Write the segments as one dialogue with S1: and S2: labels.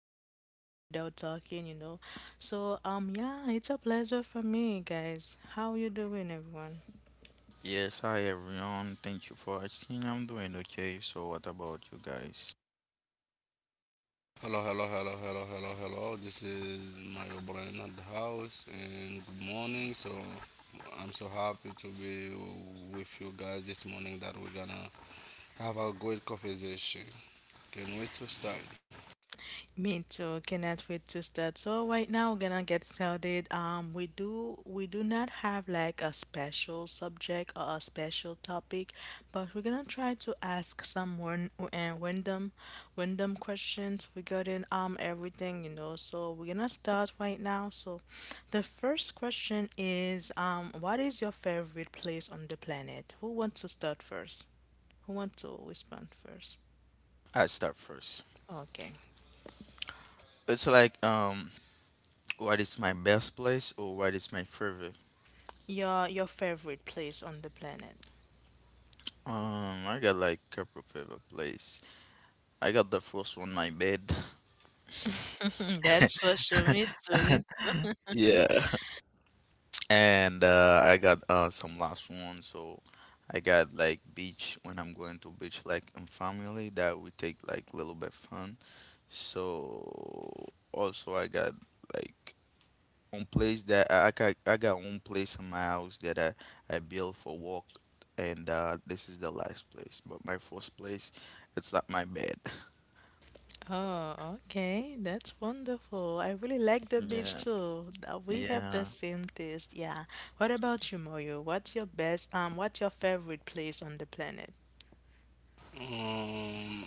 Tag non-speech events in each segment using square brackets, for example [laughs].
S1: one day without talking, you know. So yeah, it's a pleasure for me, guys. How you doing, everyone?
S2: Yes, hi everyone. Thank you for asking. I'm doing okay. So what about you guys?
S3: Hello, hello, hello, hello, hello, hello. This is Mario Brain at the house, and good morning. So I'm so happy to be with you guys this morning. That we're gonna have a great conversation. Can't wait to start.
S1: Me too. Cannot wait to start. So right now we're gonna get started. We do not have like a special subject or a special topic, but we're gonna try to ask some one random questions regarding everything, you know. So we're gonna start right now. So, the first question is what is your favorite place on the planet? Who wants to start first? Who wants to respond first?
S2: I start first.
S1: Okay.
S2: It's like what is my best place or what is my favorite?
S1: Your favorite place on the planet.
S2: I got like couple favorite place. I got the first one my bed. [laughs]
S1: [laughs] That's for sure. Me too, me too.
S2: Yeah. And I got some last one, so I got like beach when I'm going to beach like in family that we take like little bit fun. So also I got like own place that I got I got one place in my house that I built for work, and this is the last place. But my first place, it's like my bed. [laughs]
S1: Oh, okay. That's wonderful. I really like the beach
S2: Yeah,
S1: too. We have the
S2: yeah,
S1: same taste. Yeah. What about you, Moyo? What's your best, what's your favorite place on the planet?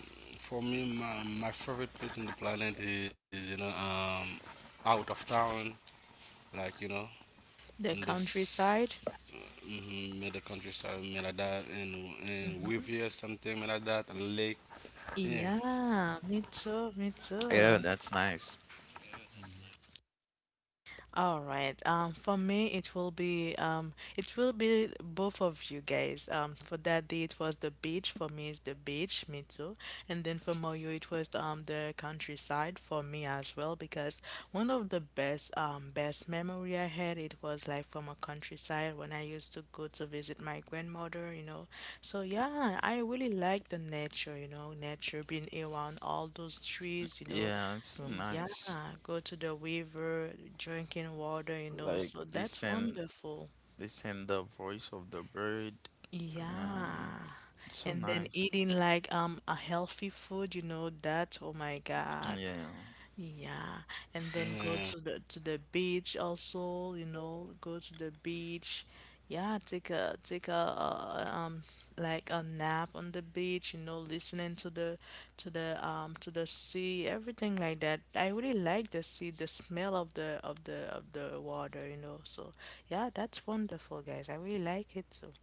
S3: Um, for me, my favorite place in the planet is you know out of town, like you know
S1: The
S3: in
S1: countryside?
S3: this mm-hmm, middle countryside, me like that, and river something like that, a lake,
S1: Yeah, me
S3: yeah.
S1: too, me too.
S2: yeah. That's nice.
S1: All right. For me, it will be both of you guys. For Daddy, it was the beach. For me, it's the beach. Me too. And then for Moyo, it was the countryside for me as well, because one of the best best memory I had, it was like from a countryside when I used to go to visit my grandmother. You know, so yeah, I really like the nature. You know, nature being around all those trees. You know,
S2: Yeah, it's so
S1: yeah,
S2: nice.
S1: go to the river, drinking water, you know, so
S2: Like
S1: that's
S2: listen,
S1: wonderful.
S2: listen the voice of the bird.
S1: Yeah.
S2: Yeah, it's
S1: And
S2: so
S1: then
S2: nice.
S1: eating like a healthy food, you know, that, oh my God.
S2: Yeah.
S1: Yeah, and then go to the
S3: Yeah,
S1: beach also, you know, go to the beach. Yeah, take a take a, like a nap on the beach, you know, listening to the to the to the sea, everything like that. I really like the sea, the smell of the of the of the water, you know. So, yeah, that's wonderful, guys. I really like it too.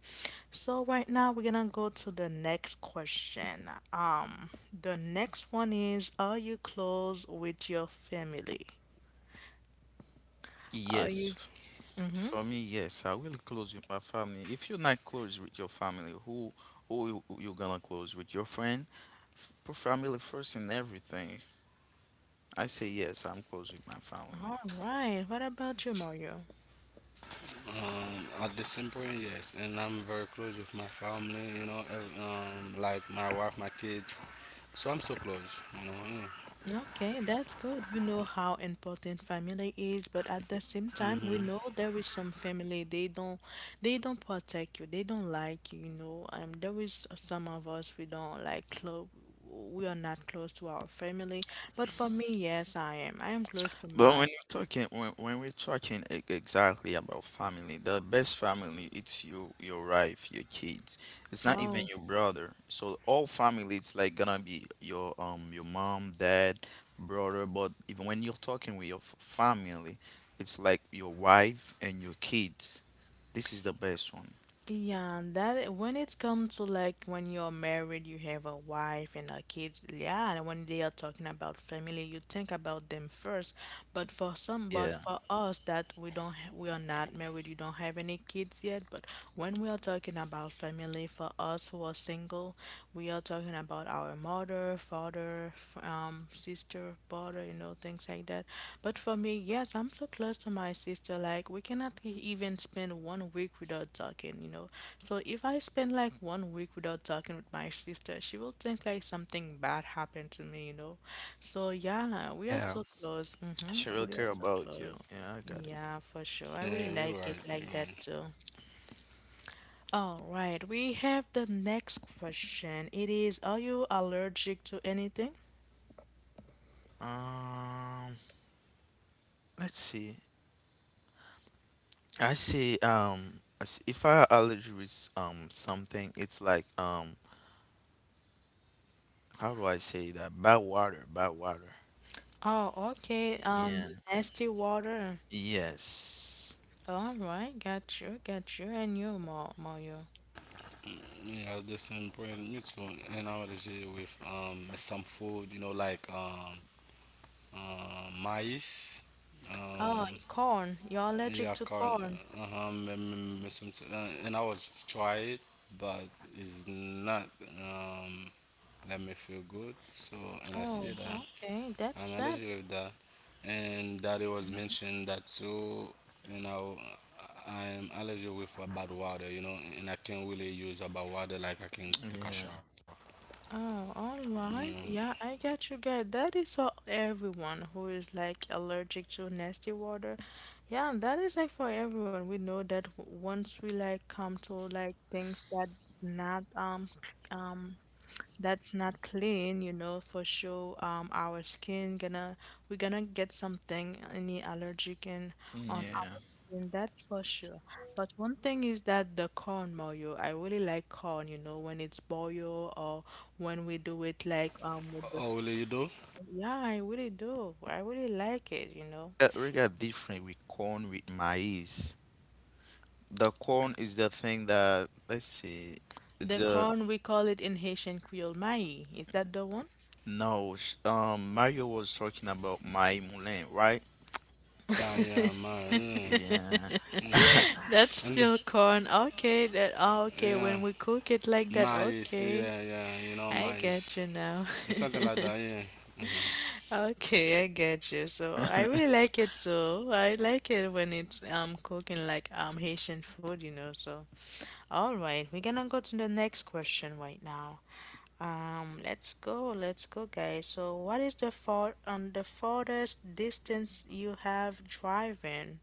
S1: So right now we're gonna go to the next question. The next one is, are you close with your family? Are you?
S2: Yes,
S1: Mm-hmm.
S2: for me, yes. I will close with my family. If you're not close with your family, who who you gonna close with? Your friend? F- Put family first in everything. I say yes, I'm close with my
S1: All
S2: family.
S1: right. What about you, Mario?
S3: At this point, yes, and I'm very close with my family, you know, like my wife, my kids. So I'm so close, you
S1: Okay,
S3: know.
S1: that's good. We know how important family is, but at the same time, we know
S3: Yeah.
S1: there is some family, they don't protect you. They don't like you know. There is some of us we don't like close we are not close to our family. But for me, yes, I am. I am close to my
S2: But when you're talking, when we're talking e- exactly about family, the best family it's you, your wife, your kids. It's not
S1: oh.
S2: even your brother. So all family, it's like gonna be your mom, dad, brother. But even when you're talking with your f- family, it's like your wife and your kids. This is the best one.
S1: Yeah, and that when it comes to like when you're married, you have a wife and a kids. Yeah, and when they are talking about family, you think about them first. But for some, but
S2: Yeah,
S1: for us that we don't, ha- we are not married, you don't have any kids yet. But when we are talking about family, for us who are single, we are talking about our mother, father, f- sister, brother, you know, things like that. But for me, yes, I'm so close to my sister. Like, we cannot e- even spend one week without talking, you know. So if I spend like one week without talking with my sister, she will think like something bad happened to me, you know. So yeah, we are so
S2: yeah.
S1: close. Mm-hmm.
S2: She
S1: We
S2: will
S1: are
S2: care
S1: so
S2: about
S1: close.
S2: you. Yeah, I got it.
S1: Yeah, for sure. I really like it like
S3: Yeah,
S1: that
S3: you're
S1: too.
S3: right. You're right.
S1: All right, we have the next question. It is, are you allergic to anything?
S2: Um, Let's see. I see. As- if I allergy with something, it's like how do I say that? Bad water, bad water.
S1: Oh, okay.
S2: Yeah.
S1: Nasty water.
S2: Yes.
S1: All right, got you, and you, Ma Mario.
S3: Yeah, at this point, me too. And I was with some food, you know, like maize.
S1: Oh, corn. You're
S3: Um,
S1: allergic to corn.
S3: yeah, corn. Uh-huh, some, and I was try it, but it's not um let me feel good.
S1: Oh,
S3: So and I
S1: okay.
S3: see
S1: That's
S3: that
S1: sad.
S3: I'm allergic with that. And that it was mentioned that too, you know, I'm allergic with bad water, you know, and I can't really use a bad water like I
S2: Yeah.
S3: can take a shower.
S1: Oh, all right. Yeah, I
S3: Yeah.
S1: got you good. That is for everyone who is like allergic to nasty water. Yeah, that is like for everyone. We know that w- once we like come to like things that not c- that's not clean, you know, for sure. Our skin gonna we're gonna get something any allergic in on our
S2: Yeah.
S1: skin. That's for sure. But one thing is that the corn mayo, I really like corn. You know, when it's boiled or when we do it like with the
S3: Oh, really,
S1: yeah,
S3: you
S1: I
S3: do?
S1: really do. I really like it. You know,
S2: We got different with corn with maize. The corn is the thing that let's see.
S1: the
S2: The
S1: corn we call it in Haitian Creole mai. Is that the one?
S2: no sh- Mario was talking about my moulin, right?
S3: Yeah, yeah, man,
S1: [laughs]
S2: Yeah.
S3: yeah,
S1: That's
S3: yeah.
S1: still corn.
S3: Okay.
S1: Okay, that okay when we cook it
S3: Yeah,
S1: like that. Okay.
S3: nice, yeah,
S1: I
S3: yeah,
S1: get
S3: you
S1: you
S3: know,
S1: now.
S3: nice.
S1: [laughs]
S3: Something like that, yeah. Mhm.
S1: Okay, I get you. So I really like it too. I like it when it's cooking like Haitian food, you know. So all right, we're gonna go to the next question right now. Let's go, guys. So what is the far the farthest distance you have driving?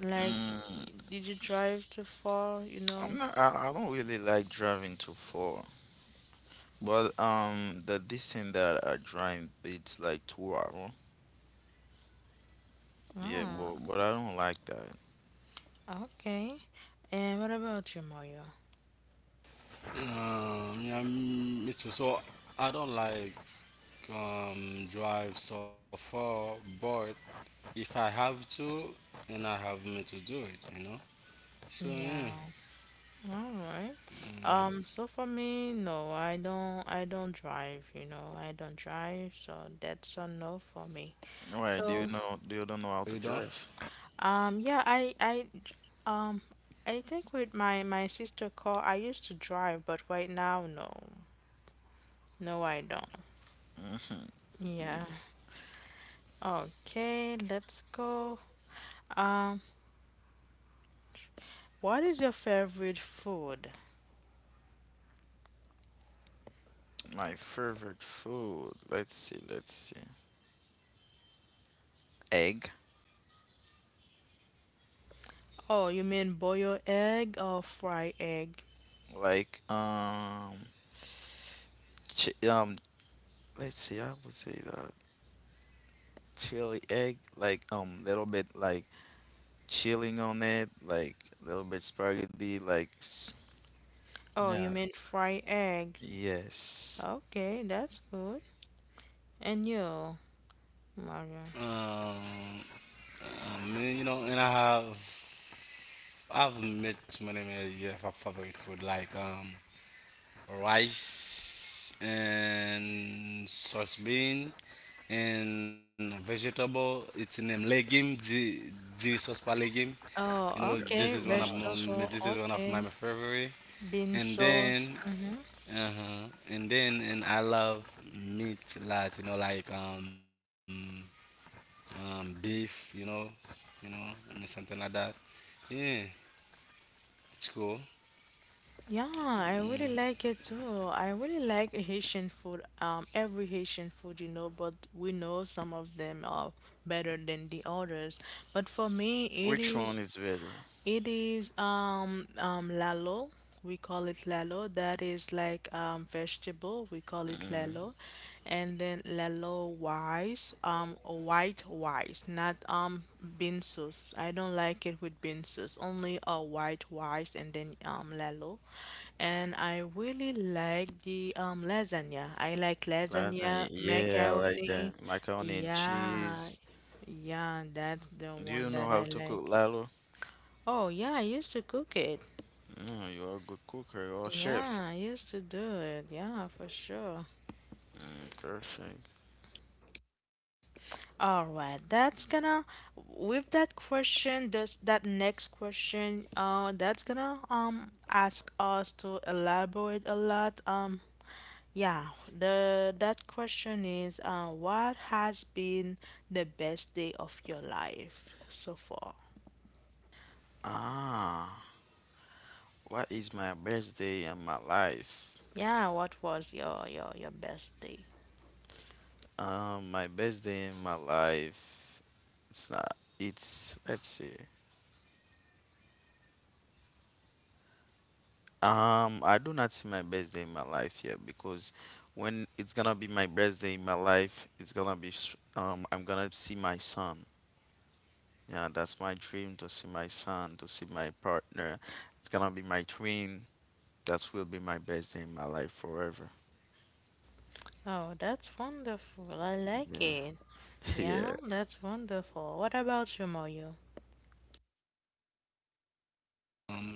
S1: Like,
S2: Mm,
S1: did you drive too far? You know?
S2: I'm not, I don't really like driving too far. But the distance that I drive, it's like 2 hour. Yeah,
S1: Ah,
S2: but I don't like that.
S1: okay. And what about you, Mario?
S3: Yeah, me too. So I don't like drive so far, but if I have to and I have me to do it. So
S1: Yeah.
S3: yeah,
S1: All right. So for me, no, I don't drive, you know, I don't drive, so that's a no for me.
S2: Why? Do
S1: So,
S2: you know? Do you don't know how to
S3: you know,
S2: drive?
S1: yeah, I. I. um I think with my my sister car, I used to drive, but right now, no. No, I don't. Yeah. Okay, let's go. Um, what is your favorite food?
S2: My favorite food. Let's see. Let's see. Egg.
S1: Oh, you mean boil egg or fry egg?
S2: Like chi. Let's see. I would say that chili egg. Like little bit like chilling on it. Like little bit spaghetti. Like s-
S1: Oh, you
S2: yeah.
S1: mean fry egg.
S2: Yes.
S1: Okay, that's good. And you, Mario?
S3: um, me, you know, and I have I've made too many years of favorite food like rice and sauce bean and vegetable. It's named legume. The sauce pa legume.
S1: Oh,
S3: You know,
S1: okay.
S2: That's too much.
S1: Vegetable,
S3: this is one
S1: okay.
S3: of my favorite.
S1: Bean
S3: And
S1: sauce.
S3: then
S1: Mm-hmm.
S3: Uh-huh. And then and I love meat lots, you know, like beef, I mean something like that. Yeah, it's cool.
S1: Yeah, I really like it too. I really like Haitian food. Every Haitian food, you know, but we know some of them are better than the others. But for me, it
S2: Which
S1: is
S2: one is better?
S1: it is um lalo. We call it lalo. That is like vegetable. We call it
S2: Mm-hmm.
S1: lalo, and then lalo wise white wise, not binsus. I don't like it with binsus. Only a white wise and then lalo, and I really like the lasagna. I like lasagna
S2: Lasagna, yeah, I like
S1: macaroni.
S2: that. Macaroni and
S1: Yeah,
S2: cheese.
S1: yeah, that's the
S2: Do
S1: one
S2: you
S1: that
S2: know
S1: I
S2: how to
S1: like.
S2: cook Lalo?
S1: Oh, yeah, I used to cook it.
S2: Mm, you are a good cooker, you are a
S1: Yeah,
S2: chef.
S1: I used to do it. Yeah, for sure.
S2: Mm, perfect.
S1: All right, that's gonna with that question, this that next question, that's gonna ask us to elaborate a lot. Yeah, the that question is, what has been the best day of your life so far?
S2: Ah, what is my best day in my life?
S1: Yeah, what was your your best day?
S2: My best day in my life. It's not. It's let's see. I do not see my best day in my life yet, because when it's gonna be my best day in my life, it's gonna be s- I'm gonna see my son. Yeah, that's my dream to see my son, to see my partner. It's gonna be my twin. That will be my best day in my life forever.
S1: Oh, that's wonderful. I like
S2: Yeah,
S1: it.
S2: [laughs] yeah,
S1: Yeah, that's wonderful. What about you, Mario?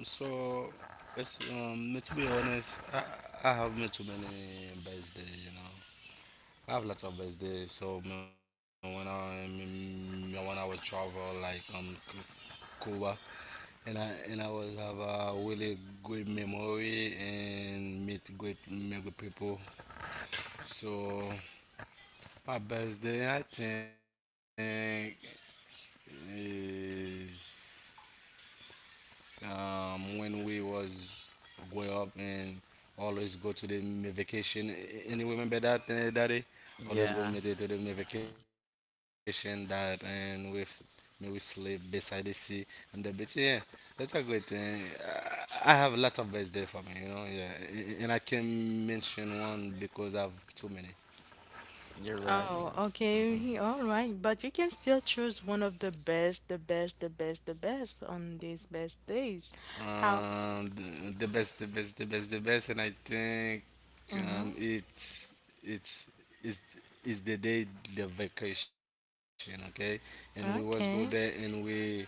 S3: So it's me to be honest, I have me too many birthday. I have lots of birthday. So me when I me, me when I was travel like Cuba, and I was have a really good memory and meet great many good people. So my birthday, I think, is when we was growing up and always go to the vacation. And you remember that, Daddy?
S2: yeah.
S3: Always go me to the me vacation that, and we s- me we sleep beside the sea and the beach. Yeah, that's a great thing. I have a lot of birthday for me. Yeah, and I can mention one because I have too many.
S2: You're right.
S1: Oh,
S2: Yeah.
S1: okay, all right. But you can still choose one of the best, the best, the best, the best on these best days. How?
S3: The best, the best, the best, the best, and I think
S1: Mm-hmm.
S3: um, it's it's it's it's the day the vacation, okay? And we always go
S1: Okay.
S3: there,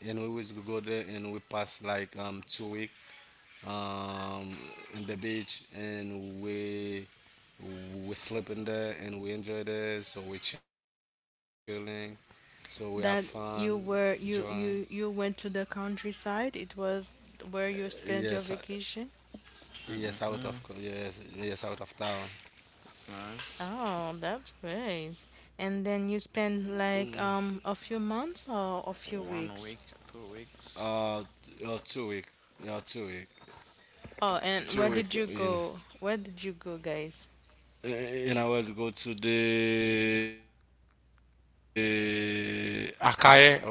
S3: and we always go there, and we pass like 2 weeks um in the beach, and we sleeping there, and we enjoy there, so we're chilling, so we have
S1: That
S3: fun,
S1: you were you
S3: joy.
S1: you you went to the countryside. It was where you spent your
S3: Yes,
S1: vacation.
S2: Mm-hmm.
S3: yes, yes, yes, out of town.
S2: It's nice.
S1: Oh, that's great. And then you spent like a few months or a few
S2: One
S1: weeks.
S2: week, 2 weeks.
S3: 2 week, yeah, 2 week,
S1: Oh, and where did you
S3: 2 week.
S1: go? Where did you go, guys?
S3: In I was go to the Akaye, right, Charlie?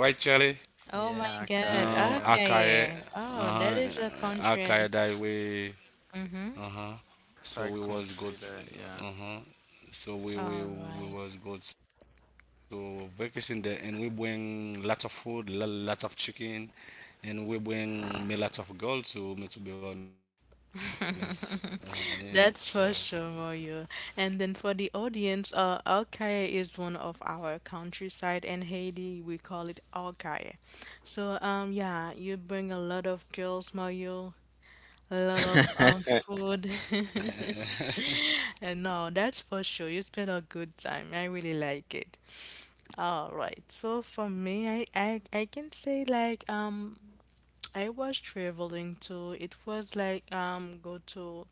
S1: Oh my
S2: Yeah,
S1: God.
S2: okay, yeah.
S1: Okay,
S3: Akaye,
S1: yeah. Oh, that
S3: uh,
S1: is a country. And-
S3: Akaye that way. Uh-huh.
S2: Side
S3: So we
S2: country
S3: was go
S2: there,
S3: to, uh-huh.
S1: All
S3: So we
S1: right.
S3: we we was go to vacation there and we bring lots of food, lots of chicken, and we bring me lots of gold to me to be honest. Yeah. So.
S1: [laughs] That's for sure, Mario. And then for the audience, Alkaya is one of our countryside in Haiti. We call it Alkaya. So, yeah, you bring a lot of girls, Mario. A lot of
S2: yeah. [laughs]
S1: food. [laughs] And no, that's for sure. You spend a good time. I really like it. All right. So for me, I can say like I was traveling to it was like go to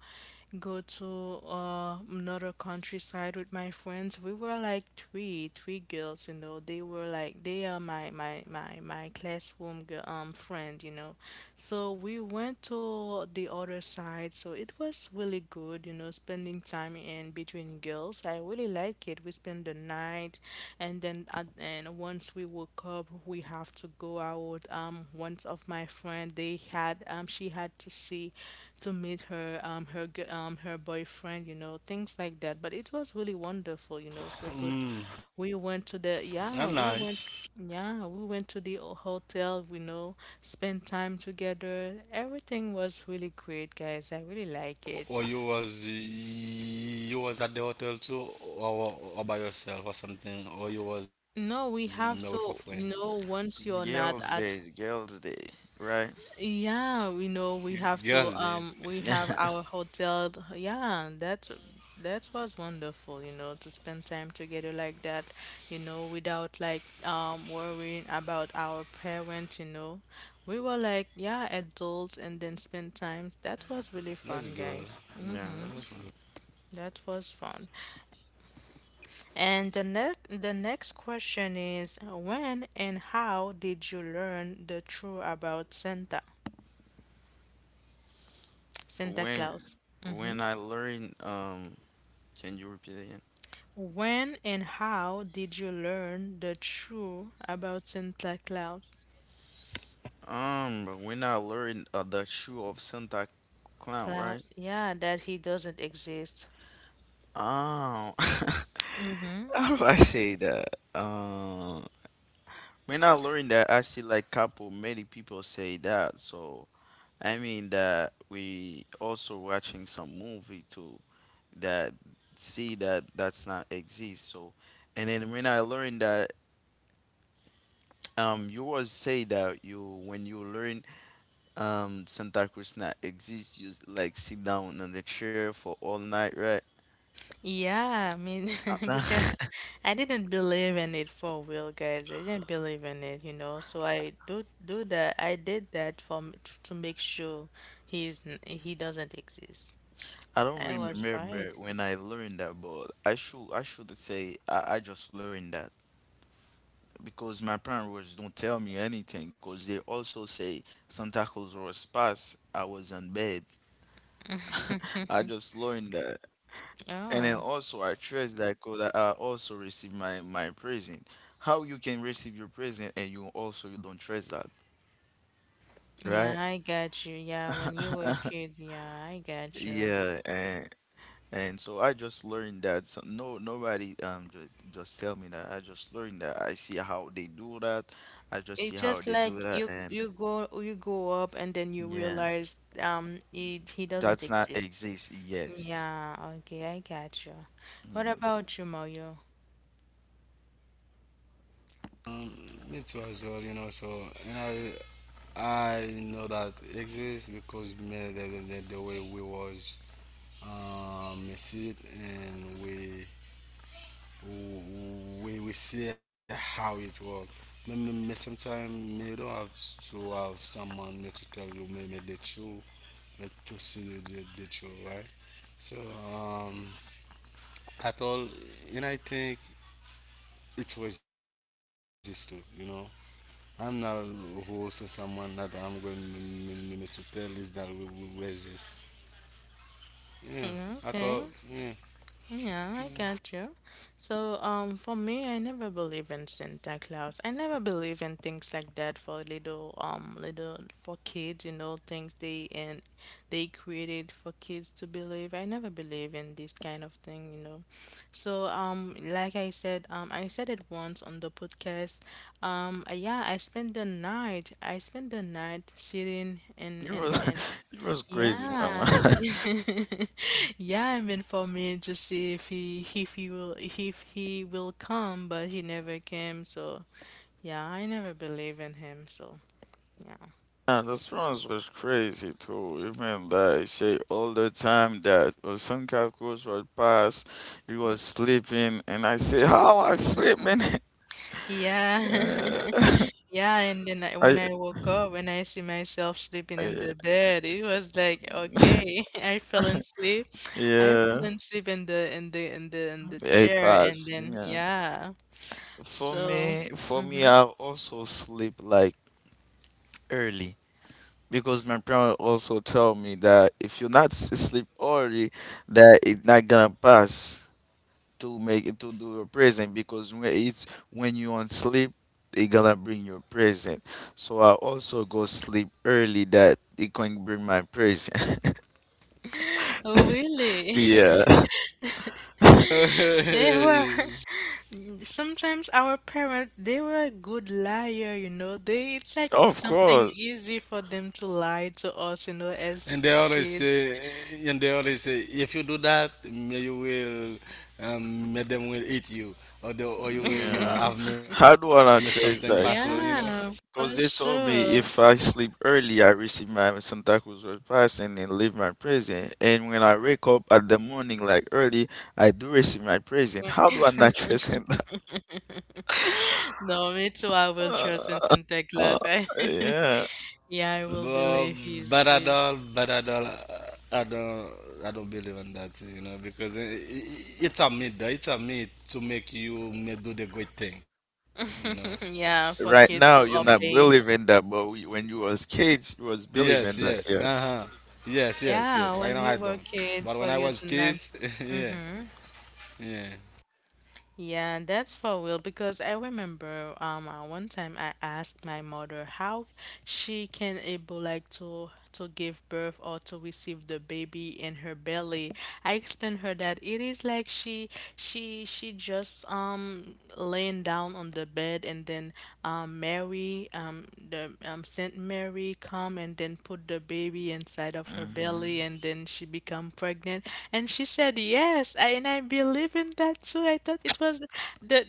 S1: go to another countryside with my friends. We were like three girls, you know. They were like they are my my classroom girl, friend, you know. So we went to the other side. So it was really good, you know, spending time in between girls. I really like it. We spend the night, and then at, and once we woke up, we have to go out. Once of my friend, they had she had to see, to meet her her gi- her boyfriend. You know, things like that. But it was really wonderful. You know, so good. We
S3: Mm.
S1: went to the
S3: Not nice.
S1: yeah, we went to the o- hotel, we know, spent time together. Everything was really great, guys. I really like it.
S3: Or you was at the hotel too, or by yourself or something, or you
S1: No,
S3: was
S1: we
S3: me
S1: have
S3: with a
S1: to,
S3: friend.
S1: you know, once you're not at,
S2: It's girls' day, right?
S1: yeah, we know we have to,
S3: Girls, it.
S1: we have
S2: [laughs]
S1: our hotel. Yeah, that that was wonderful, you know, to spend time together like that, you know, without like worrying about our parents, you know. We were like, yeah, adults and then spend times. That was really fun,
S3: That's
S1: guys.
S3: good.
S2: Yeah, that's fine.
S3: That's
S1: That was fun. And the next question is when and how did you learn the truth about Santa Santa
S2: When
S1: Claus?
S2: I learn, can you repeat again?
S1: When and how did you learn the truth about Santa Claus?
S2: But we're not learning the shoe of Santa Clown,
S1: Claus,
S2: right?
S1: yeah, that he doesn't exist.
S2: Oh,
S1: Mm-hmm.
S2: [laughs] how do I say that? Uh, when I not that. I see like couple many people say that. So I mean that we also watching some movie too that see that that's not exist. So and then when I learned that you always say that you when you learn Santa Cruz not exist, you like sit down on the chair for all night, right?
S1: Yeah, I mean, [laughs] because
S2: I [laughs]
S1: I didn't believe in it for real, guys. I didn't believe in it, you know. So I do that. I did that for to make sure he doesn't exist.
S2: I don't
S1: I
S2: really
S1: was
S2: remember
S1: right.
S2: when I learned that, but I should say I just learned that, because my parents don't tell me anything, because they also say Santa Claus was past. I was in bed. I just learned that, and then
S1: Oh,
S2: also I trust that because I also received my present. How you can receive your present and you also you don't trust that,
S1: yeah,
S2: right?
S1: I got you. Yeah, when you were a kid, yeah, I got you.
S2: Yeah, and so I just learned that, so no nobody just tell me that. I just learned that. I see how they do that. I just see
S1: It's
S2: how
S1: just
S2: they do
S1: like
S2: that,
S1: you
S2: and
S1: you go you go up and then you
S2: yeah,
S1: realize he doesn't
S2: that's not
S1: exist.
S2: exist. Yes,
S1: Yeah, okay, I got you.
S2: yeah.
S1: What about you, Mario?
S3: Um, me too as well. So, and I know that exists because me the way we was we see it and we see how it works. Me sometimes me don't have to have someone me to tell you me the truth, me to see the truth, right? So um at all, and I think it's racist too. And now, who also someone that I'm going to tell is that we raise this?
S1: Mm,
S3: Yeah,
S1: okay.
S3: at all, yeah.
S1: Yeah, I got you. So, for me, I never believe in Santa Claus. I never believe in things like that for little, little for kids. You know, things they and they created for kids to believe. I never believe in this kind of thing. You know, so like I said it once on the podcast. Yeah, I spent the night. I spent the night sitting and
S2: You
S1: and and
S2: was [laughs] you was crazy, mama.
S1: yeah.
S2: [laughs]
S1: [laughs] Yeah, I'm informing to see if he will come, but he never came, so yeah, I never believe in him, so yeah.
S2: Yeah, the Spanish was crazy too. Even they say all the time that Osunka Cruz would pass, he was sleeping, and I say, "How I sleeping?"
S1: Yeah.
S2: [laughs] yeah, [laughs]
S1: [laughs] Yeah, and then
S2: I,
S1: when I woke up and I see myself sleeping in
S2: I-
S1: the bed, it was like, okay, [laughs] I fell asleep. I fell
S2: yeah.
S1: asleep in the
S2: It
S1: chair and
S2: pass.
S1: then
S2: Yeah.
S1: yeah. So,
S2: For me,
S1: mhm.
S2: I also sleep like early, because my parents also tell me that if you're not s- sleep early, that it's not gonna pass to make it to do your present, because when it's when you on sleep, it gonna bring your present. So I also go sleep early that it can bring my present. [laughs]
S1: [laughs] Oh, really? [laughs]
S2: Yeah,
S1: They were. Sometimes our parents, they were a good liar, you know. It's like
S2: of
S1: something
S2: course.
S1: easy for them to lie to us, you know, as
S3: [laughs] And they
S1: kids.
S3: always say, if you do that, may you will, may them will eat you, or
S1: [laughs]
S3: you
S2: Yeah.
S3: will
S2: How
S3: have
S2: do
S3: maybe
S2: I not
S3: something
S2: trace
S3: passing,
S2: that?
S3: you know.
S1: Yeah, for
S2: Because they told
S1: sure.
S2: me if I sleep early, I receive my Santa Cruz Road pass and then leave my present. And when I wake up at the morning, like early, I do receive my present. How do I not
S1: [laughs]
S2: present that?
S1: No, me too. I will trust in Santa Claus.
S2: [laughs]
S1: [laughs]
S2: yeah.
S1: Yeah, I will believe
S3: Well,
S1: he
S3: but at
S1: exists.
S3: all, not I don't, I don't believe in that, you know, because it's a myth, though. It's a myth to make you may do the great thing, you know.
S1: [laughs] Yeah, for
S2: Right
S1: kids to
S2: now, you're not
S1: obey.
S2: believing that, but we, when you was kids, you was
S3: Yes,
S2: believing
S3: yes,
S2: that. Yeah.
S3: uh-huh. Yes, yes,
S1: Yeah,
S3: yes.
S1: when
S3: Right now
S1: you
S3: I
S1: were
S3: don't.
S1: kids,
S3: But
S1: for
S3: when I
S1: you to
S3: was
S1: not.
S3: kids, [laughs] yeah,
S1: Mm-hmm.
S3: yeah.
S1: Yeah, that's for real because I remember one time I asked my mother how she can able like to give birth or to receive the baby in her belly. I explained her that it is like she just laying down on the bed and then Mary the Saint Mary come and then put the baby inside of her
S2: Hmm.
S1: belly and then she become pregnant and she said yes and I believe in that too. I thought it was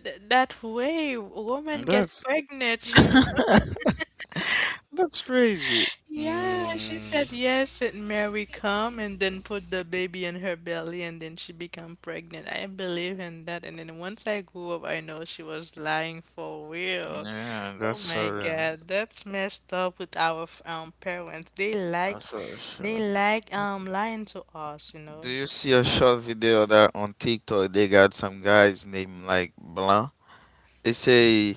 S1: the that way woman get
S2: That's
S1: pregnant [laughs] you know?
S2: [laughs] that's crazy.
S1: Yeah, she said
S3: Mm.
S1: yes, and Mary come and then put the baby in her belly and then she become pregnant. I believe in that. And then once I grew up, I know she was lying for real.
S2: Yeah,
S1: Oh
S2: that's
S1: my
S2: for real.
S1: God, that's messed up with our parents.
S2: That's for
S1: They
S2: sure.
S1: like lying to us, you
S2: Do
S1: know.
S2: you see a short video that on TikTok they got some guys named like Blanc? They say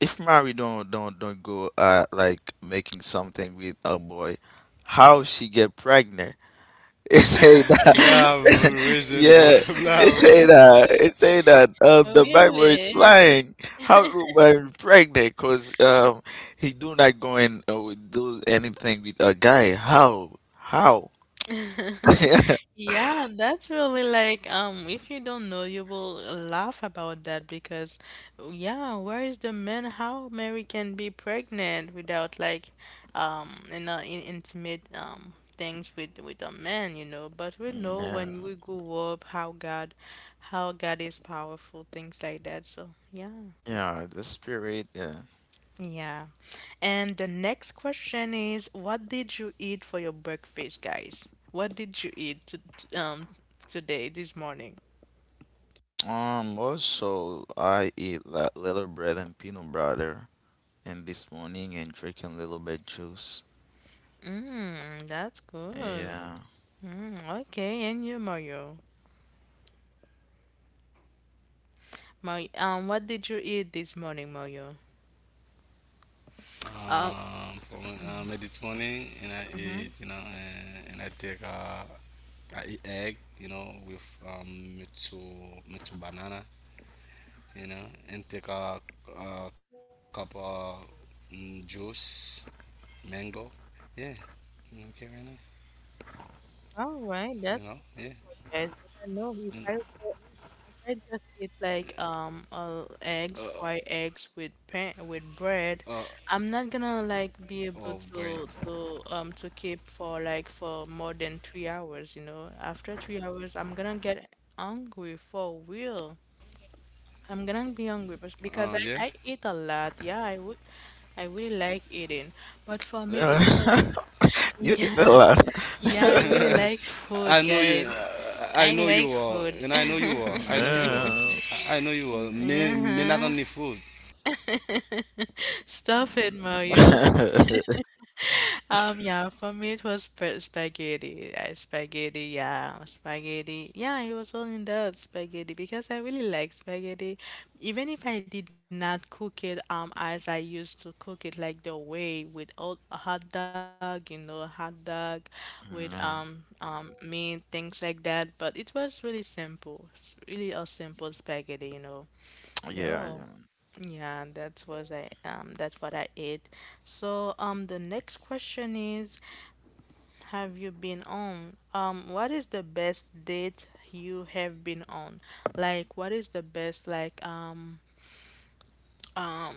S2: if Mary don't go like making something with a boy, how she get pregnant? [laughs] They say that
S3: Blah,
S2: [laughs]
S3: reason, bro.
S2: yeah,
S3: [laughs] Blah,
S2: they say
S1: [laughs]
S3: reason.
S2: that the Bible is
S1: Really?
S2: lying. How do Mary pregnant? Cause he do not go and do anything with a guy. How how? [laughs]
S1: Yeah, that's really like if you don't know you will laugh about that because yeah, where is the man, how Mary can be pregnant without like in intimate things with a man, you know. But we know
S2: Yeah.
S1: when we grow up how God is powerful, things like that. So yeah.
S2: Yeah, the spirit. Yeah.
S1: Yeah. And the next question is, what did you eat for your breakfast, guys? What did you eat today, this morning?
S2: Also, I eat like little bread and peanut butter, and this morning and drinking little bit juice.
S1: Mm, that's good.
S2: Yeah.
S1: Mm, okay, and you, Mario? Mario, what did you eat this morning, Mario? Um,
S3: Um, for, it's morning, and I eat, you
S1: mhm.
S3: know, and I take a I eat egg, with mitsu, mitsu banana, and take a cup of juice, mango. Yeah, okay, right now,
S1: All right, that's
S3: you know,
S1: wonderful,
S3: yeah.
S1: guys. But I know if I
S3: And,
S1: if I just eat like eggs, fried
S3: uh,
S1: eggs with pan with
S3: uh, uh,
S1: bread, I'm not gonna like be able
S3: oh boy,
S1: to keep for like for more than 3 hours, you know. After 3 hours, I'm gonna get hungry for real. I'm gonna be hungry because I
S3: uh,
S1: I
S3: yeah.
S1: eat a lot. Yeah, I would. I really like eating, but for me it was
S2: Yeah.
S1: [laughs]
S2: [laughs] You
S1: yeah
S2: eat a lot.
S1: yeah I
S3: [laughs]
S1: really
S2: [laughs]
S1: like
S3: I know
S1: food,
S3: you.
S1: guys.
S3: I know
S1: I
S3: you
S1: like
S3: are, and
S1: food.
S3: I know you
S1: [laughs]
S3: are. I know you are.
S2: yeah.
S3: I know you are. Me
S1: Yeah.
S3: not only food.
S1: Stop it, Mario.
S2: [laughs]
S1: Yeah, for me it was spaghetti. Spaghetti. Yeah, it was all in that spaghetti because I really like spaghetti. Even if I did not cook it as I used to cook it, like the way with old hot dog, you know, hot dog with meat, things like that. But it was really simple. It's really a simple spaghetti, you know.
S2: yeah. Yeah.
S1: Yeah. Yeah, that was I that's what I ate. So the next question is have you been on? Um, what is the best date you have been on? Like what is the best like um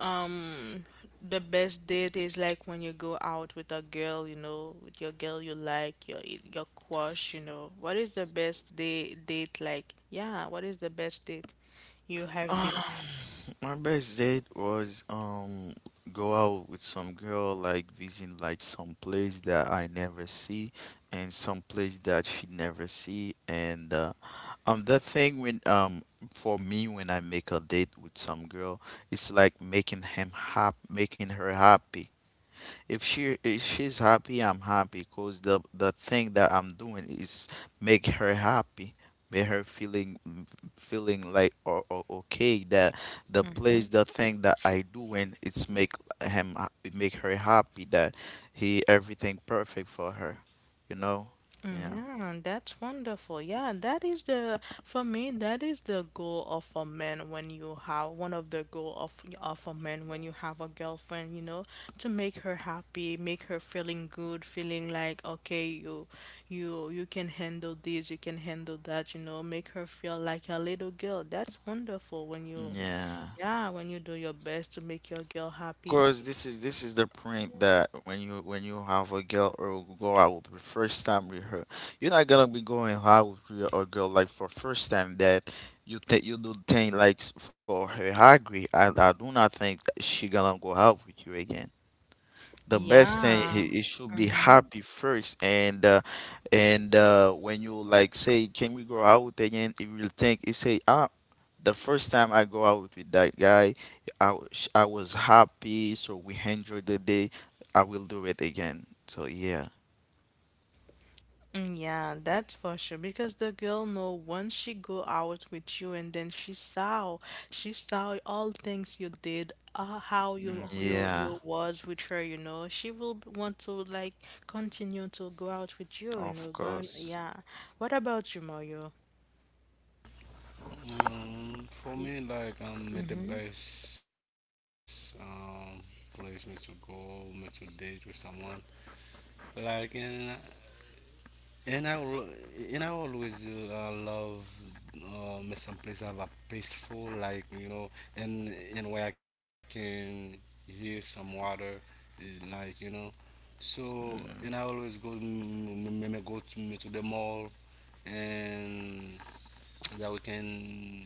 S1: um the best date is like when you go out with a girl, you know, with your girl you like, your crush, you know. What is the best day date like? Yeah, what is the best date
S2: [sighs]
S1: you have
S2: Um,
S1: been on?
S2: my best date was go out with some girl like visiting like some place that I never see and some place that she never see and that thing when for me when I make a date with some girl, it's like making him hap making her happy. If she if she's happy, I'm happy, because the thing that I'm doing is make her happy, make her feeling feeling like or okay that the place
S1: Mm-hmm.
S2: the thing that I doing it's make him ha- it make her happy that he everything perfect for her, you know? Yeah.
S1: Yeah, that's wonderful. Yeah, that is the for me that is the goal of a man when you have one of the goal of a man when you have a girlfriend, you know, to make her happy, make her feeling good, feeling like okay, you can handle this, you can handle that, you know, make her feel like a little girl. That's wonderful when you
S2: Yeah.
S1: yeah, when you do your best to make your girl happy.
S2: Course, this is the print that when you have a girl or go out the first time with her, you're not gonna be going out with a girl like for first time that you think you do thing like s- for her. Hungry. I do not think she gonna go out with you again. The best thing,
S1: Yeah.
S2: he should be
S1: Mm-hmm.
S2: happy first, and when you like say can we go out again, he will think, he say, ah, the first time I go out with that guy, I was happy, so we enjoyed the day. I will do it again, so yeah.
S1: Mm, yeah, that's for sure. Because the girl know once she go out with you, and then she saw all things you did, how
S2: Mm,
S1: you
S2: yeah,
S1: you was with her. You know, she will want to like continue to go out with you. You know,
S2: of
S1: going
S2: course.
S1: yeah. What about you, Mario?
S3: For me, like,
S1: Mm-hmm.
S3: may the best place me to go, me to date with someone. Like, and I will, and I always love me some place have a peaceful, like you know, and where I can hear some water, eh, like you know. So,
S2: Mm,
S3: and I always go, me go to, me to the mall and that we can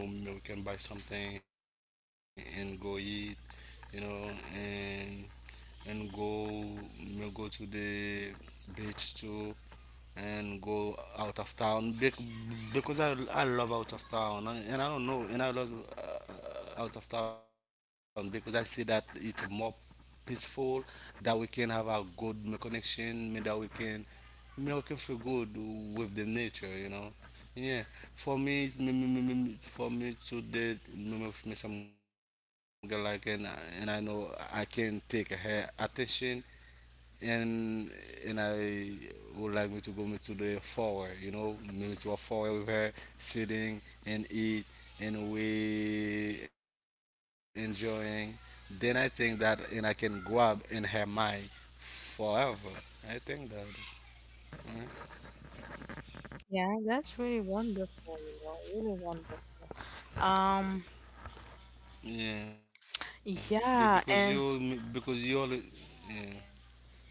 S3: m- we can buy something and go eat you know and go go to the beach too and go out of town because I love out of town and I don't know and I love out of town because I see that it's more peaceful that we can have a good connection may that we can may we can feel good with the nature you know yeah for for me today me some girl like and I know I can take her attention and and I would like me to go me to the forward, you know, maybe to a forward with her, sitting and eat and we enjoying. Then I think that and I can grab in her mind forever. I think that. mm,
S1: Yeah, that's really wonderful. You know, really wonderful. Um,
S3: Yeah,
S1: yeah, and
S3: because you always yeah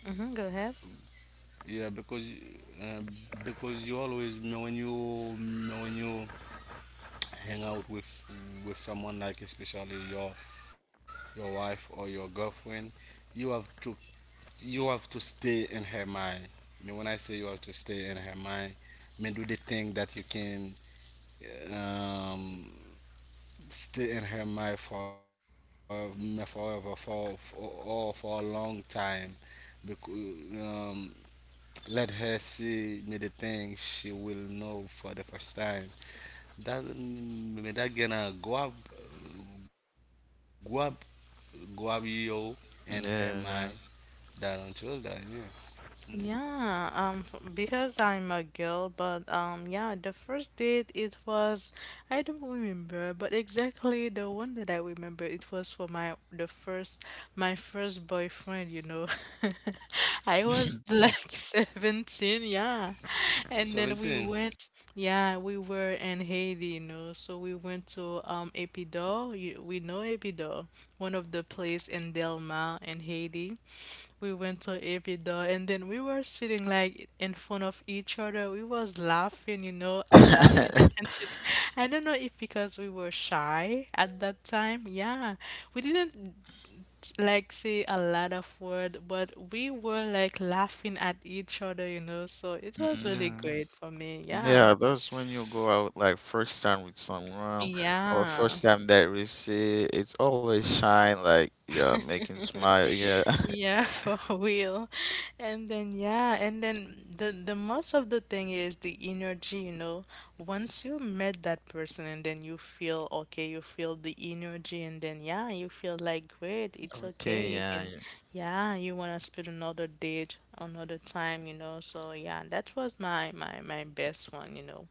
S1: mm-hmm, go ahead.
S3: yeah uh, because you always when you when you hang out with someone like especially your wife or your girlfriend you have to you have to stay in her mind. I mean, when I say you have to stay in her mind, I mean, do the thing that you can um, stay in her mind forever, forever for or for a long time because let her see me the thing she will know for the first time that that gonna go up, go up, go up you and her
S2: yeah,
S3: my
S2: yeah.
S3: grandchildren. Yeah, yeah. Mm.
S1: Yeah, because I'm a girl, but yeah, the first date it was, I don't remember, but exactly the one that I remember, it was for my first boyfriend, you know. [laughs] I was like [laughs] 17, yeah. And then we
S3: 17
S1: went, yeah, we were in Haiti, you know, so we went to Epido, you, we know Epido, one of the place in Delma in Haiti. We went to Ibiza and then we were sitting like in front of each other. We was laughing, you know, laughing [laughs] and shit. I don't know if because we were shy at that time. Yeah. We didn't like say a lot of word, but we were like laughing at each other, you know. So it
S2: [laughs]
S1: was
S2: Mm,
S1: really
S2: yeah.
S1: great for me. Yeah.
S2: Yeah, that's when you go out like first time with someone or
S1: Yeah.
S2: first time that we see, it's always shine like, yeah, making smile. Yeah. [laughs]
S1: Yeah, [laughs] for real. And then yeah, and then the most of the thing is the energy, you know. Once you met that person and then you feel okay, you feel the energy and then yeah, you feel like great, it's okay.
S2: Okay,
S1: You
S2: yeah.
S1: can
S2: Yeah.
S1: yeah, you wanna spend another date another time, you know. So yeah, that was my best one, you know.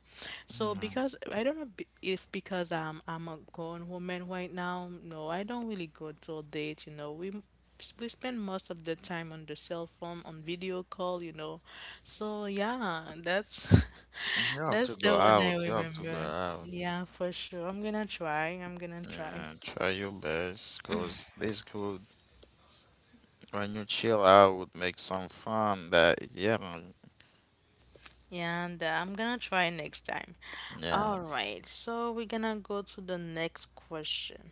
S1: So
S2: Mm.
S1: because I don't know if because I'm a grown woman right now, no, I don't really go to a date, you know. We we spend most of the time on the cell phone on video call, you know, so yeah, that's
S2: You
S1: [laughs]
S2: have
S1: that's
S2: to go
S1: the one I
S2: out. You have to go
S1: remember.
S2: out.
S1: Yeah, for sure, I'm gonna try, I'm gonna try,
S2: Yeah, try your best because it's good when you chill out, make some fun that, yeah,
S1: and I'm gonna try next time.
S2: yeah.
S1: All right, so we're gonna go to the next question.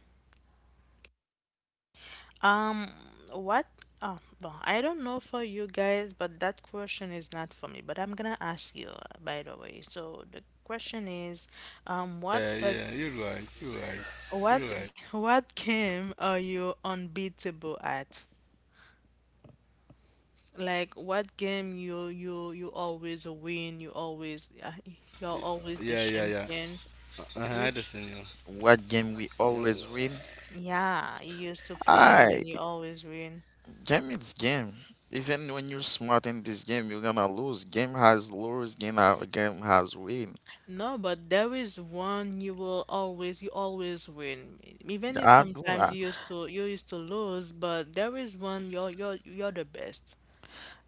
S1: Um, what oh, well, I don't know for you guys, but that question is not for me, but I'm gonna ask you, by the way, so the question is what's the
S3: Yeah, yeah. You're right. You're right.
S1: what
S3: You're right.
S1: what game are you unbeatable at? Like, what game you you always win, you always you're always the
S3: Yeah, yeah,
S1: champion.
S3: yeah. Uh-huh,
S1: Which
S3: I understand
S2: What game we always win?
S3: you.
S1: yeah, you used to play and
S2: I
S1: then you always win.
S2: Game is game. Even when you're smart in this game, you're gonna lose. Game has lose, game ha- game has win.
S1: No, but there is one you will always you always win. Even if
S2: I do.
S1: sometimes
S2: I,
S1: you used to lose, but there is one you're you're the best.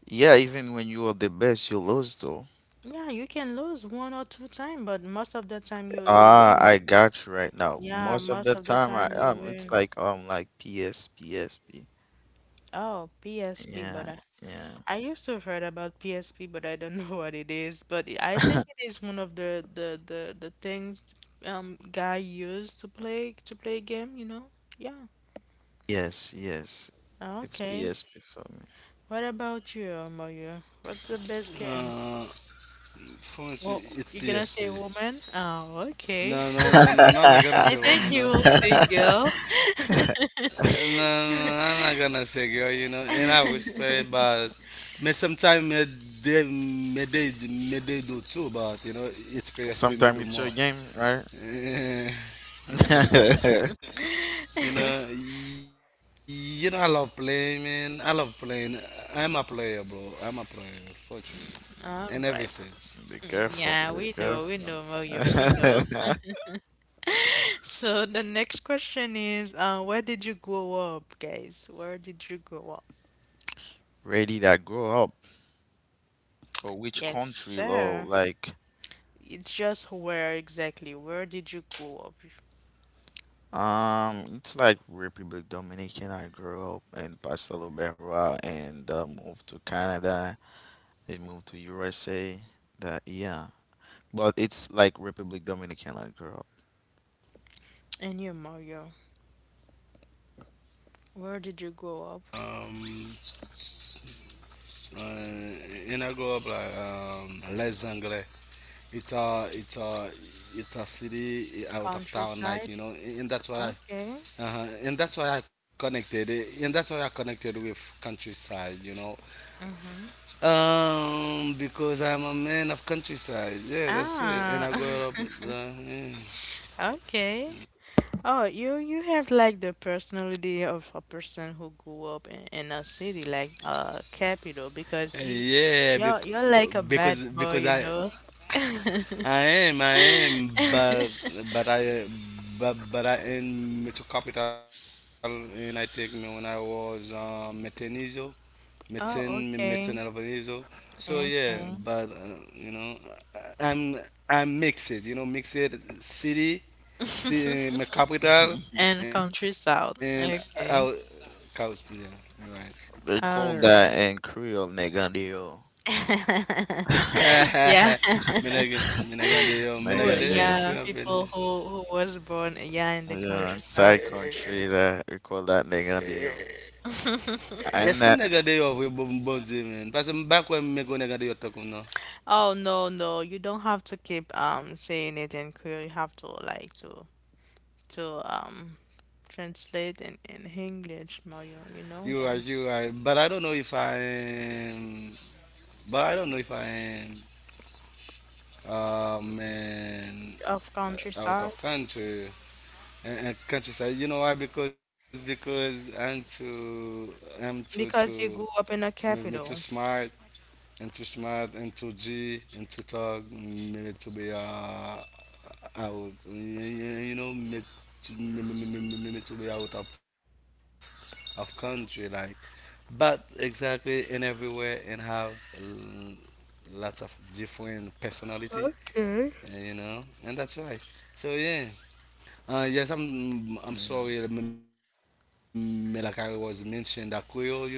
S2: yeah, even when you are the best, you lose though.
S1: Yeah, you can lose one or two time, but most of the time you
S2: Ah,
S1: win.
S2: I got you right now.
S1: Yeah,
S2: Most of the
S1: most of the
S2: time, I
S1: time you
S2: it's
S1: win.
S2: like PS.
S1: Oh, PSP, but
S2: Yeah, yeah.
S1: I used to have heard about PSP, but I don't know [laughs] what it is. But it- I think
S2: [laughs]
S1: it is one of the things guy used to play game, you know? Yeah.
S2: Yes, yes. It's
S1: Okay.
S2: PSP for me.
S1: What about you, Mario? What's the best game?
S3: Uh, for
S1: Well,
S3: me,
S1: you gonna
S3: it's
S1: say
S3: PSP.
S1: woman? Oh, okay. [laughs]
S3: No, no, no, no, no.
S1: I
S3: I'm not
S1: think
S3: gonna
S1: you
S3: say
S1: will
S3: wrong.
S1: say
S3: No.
S1: girl. [laughs]
S3: No, no, I'm not gonna say girl, you know, and I respect, but me sometimes me they do too, but you know,
S2: [laughs]
S3: it's
S2: Sometimes it's
S3: PSP
S2: your
S3: me do
S2: game,
S3: more.
S2: right?
S3: [laughs] Yeah.
S2: [laughs]
S3: You know, I love playing, man. I love playing. I'm a player, bro. I'm a player for sure, in
S1: All
S3: every
S1: right.
S3: sense.
S2: Be
S1: Mm,
S2: careful,
S1: yeah,
S2: be
S1: we
S2: careful.
S1: know, Mario, we know.
S2: [laughs]
S1: So the next question is, where did you grow up, guys? Where did you grow up?
S2: Ready that grow up, or which
S1: Yes,
S2: country low
S1: sir.
S2: like
S1: It's just where exactly. Where did you grow up?
S2: it's like Republic Dominican. I grew up in pastelobera, and moved to Canada, then moved to USA. That, yeah, but it's like Republic Dominican I grew up.
S1: And you, Mario, where did you grow up?
S3: Um, uh, and I grow up like les anglais. It's a it's a city out of town like you know
S1: Countryside?
S3: and that's why
S1: Okay.
S3: and that's why I connected and that's why I connected with countryside you know
S1: Mm-hmm.
S3: because I'm a man of countryside yeah that's it and I
S1: Ah,
S3: grew up
S1: [laughs] okay. Oh, you have like the personality of a person who grew up in a city like capital because you
S3: yeah, yeah
S1: you're like a bad boy,
S3: because
S1: you
S3: I
S1: know. [laughs]
S3: I am
S1: [laughs]
S3: but I but I in metro capital and I take me when I was Metenizo
S1: Oh,
S3: Metin
S1: okay.
S3: Albanese. So yeah,
S1: Okay.
S3: but you know, I- I'm I'm mixed. You know, mixed city,
S1: [laughs]
S3: city, my capital,
S1: And country
S3: and
S1: south.
S3: out,
S1: Okay.
S3: out. Yeah, right.
S2: They call
S1: All
S2: that
S1: right.
S2: in Creole negandio.
S1: [laughs]
S3: Ha ha ha.
S1: Yeah.
S3: Minagande [laughs]
S1: [laughs]
S3: yo,
S1: Who,
S3: minagande yo,
S2: Negandio,
S1: yeah,
S3: fwa
S1: people
S3: bene.
S1: who was born, yeah, in the
S2: yeah,
S1: country south.
S2: inside country that we call that negandio.
S3: Eske
S1: [laughs]
S2: I'm
S3: minagande
S2: not
S3: yo vwe bon bon di men? Pase mbakwe mwen kon nagande yo takoun nou.
S1: Oh no, no. You don't have to keep saying it in Creole. You have to like to translate in English, Mario. You
S3: You are,
S1: know
S3: you
S1: that.
S3: are. But I don't know if I am. But I don't know if I am um in,
S1: Of
S3: out of
S1: countryside
S3: country and countryside. You know why? Because I'm too
S1: because you grew up in a
S3: maybe too
S1: capital.
S3: smart and too G and too talk maybe to be out maybe maybe to be out of country like but exactly in everywhere and have um, lots of different personality
S1: Okay.
S3: you know, and that's right. So yeah, yes, I'm
S2: yeah
S3: sorry, that Melakari was mentioned that Creole, you know,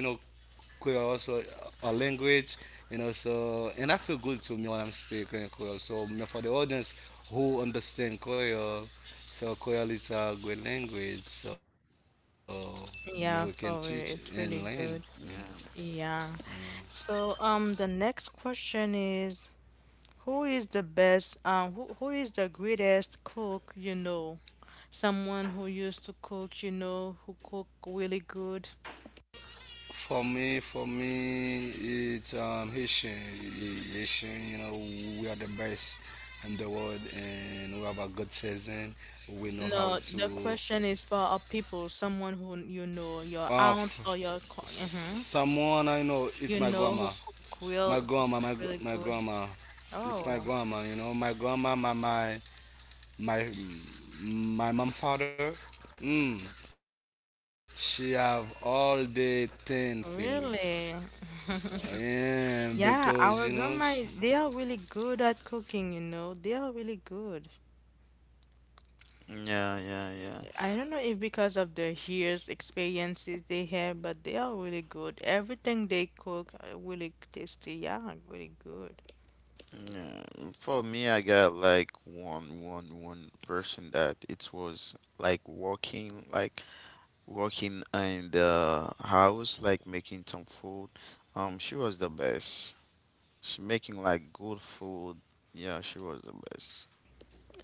S3: Creole also a language, you know. So and I feel good to me when I'm speaking Creole. So for the audience who understand Creole, so Creole is a great language. So me we can teach
S1: Yeah,
S3: and
S1: for
S3: learn.
S1: real, it's really good.
S2: yeah
S1: Yeah. So, the next question is, who is the best, who is the greatest cook you know? Someone who used to cook, who cook really good.
S3: For me, it's Haitian. Haitian, you know, we are the best in the world, and we have a good season. We know how
S1: No, the
S3: to.
S1: question is for a people, someone who
S3: Uh,
S1: you know,
S3: f-
S1: your aunt or your, co-
S3: Someone I
S1: uh
S3: know, it's my grandma.
S1: You know who cook who cook really
S3: My
S1: good.
S3: grandma. It's my
S1: Oh,
S3: grandma. You know, my grandma, my my mom, father. Mm, she have all the ten finger.
S1: really?
S3: Yeah,
S1: [laughs]
S3: because you
S1: Yeah,
S3: know.
S1: our grandma, they are really good at cooking. They are really good.
S2: yeah yeah yeah.
S1: I don't know if because of their years, experiences they have, but they are really good. Everything they cook, really tasty. Yeah, really good.
S2: Yeah, for me, I got like one person that it was like working in the house, like making some food. She was the best. She making like good food. Yeah, she was the best.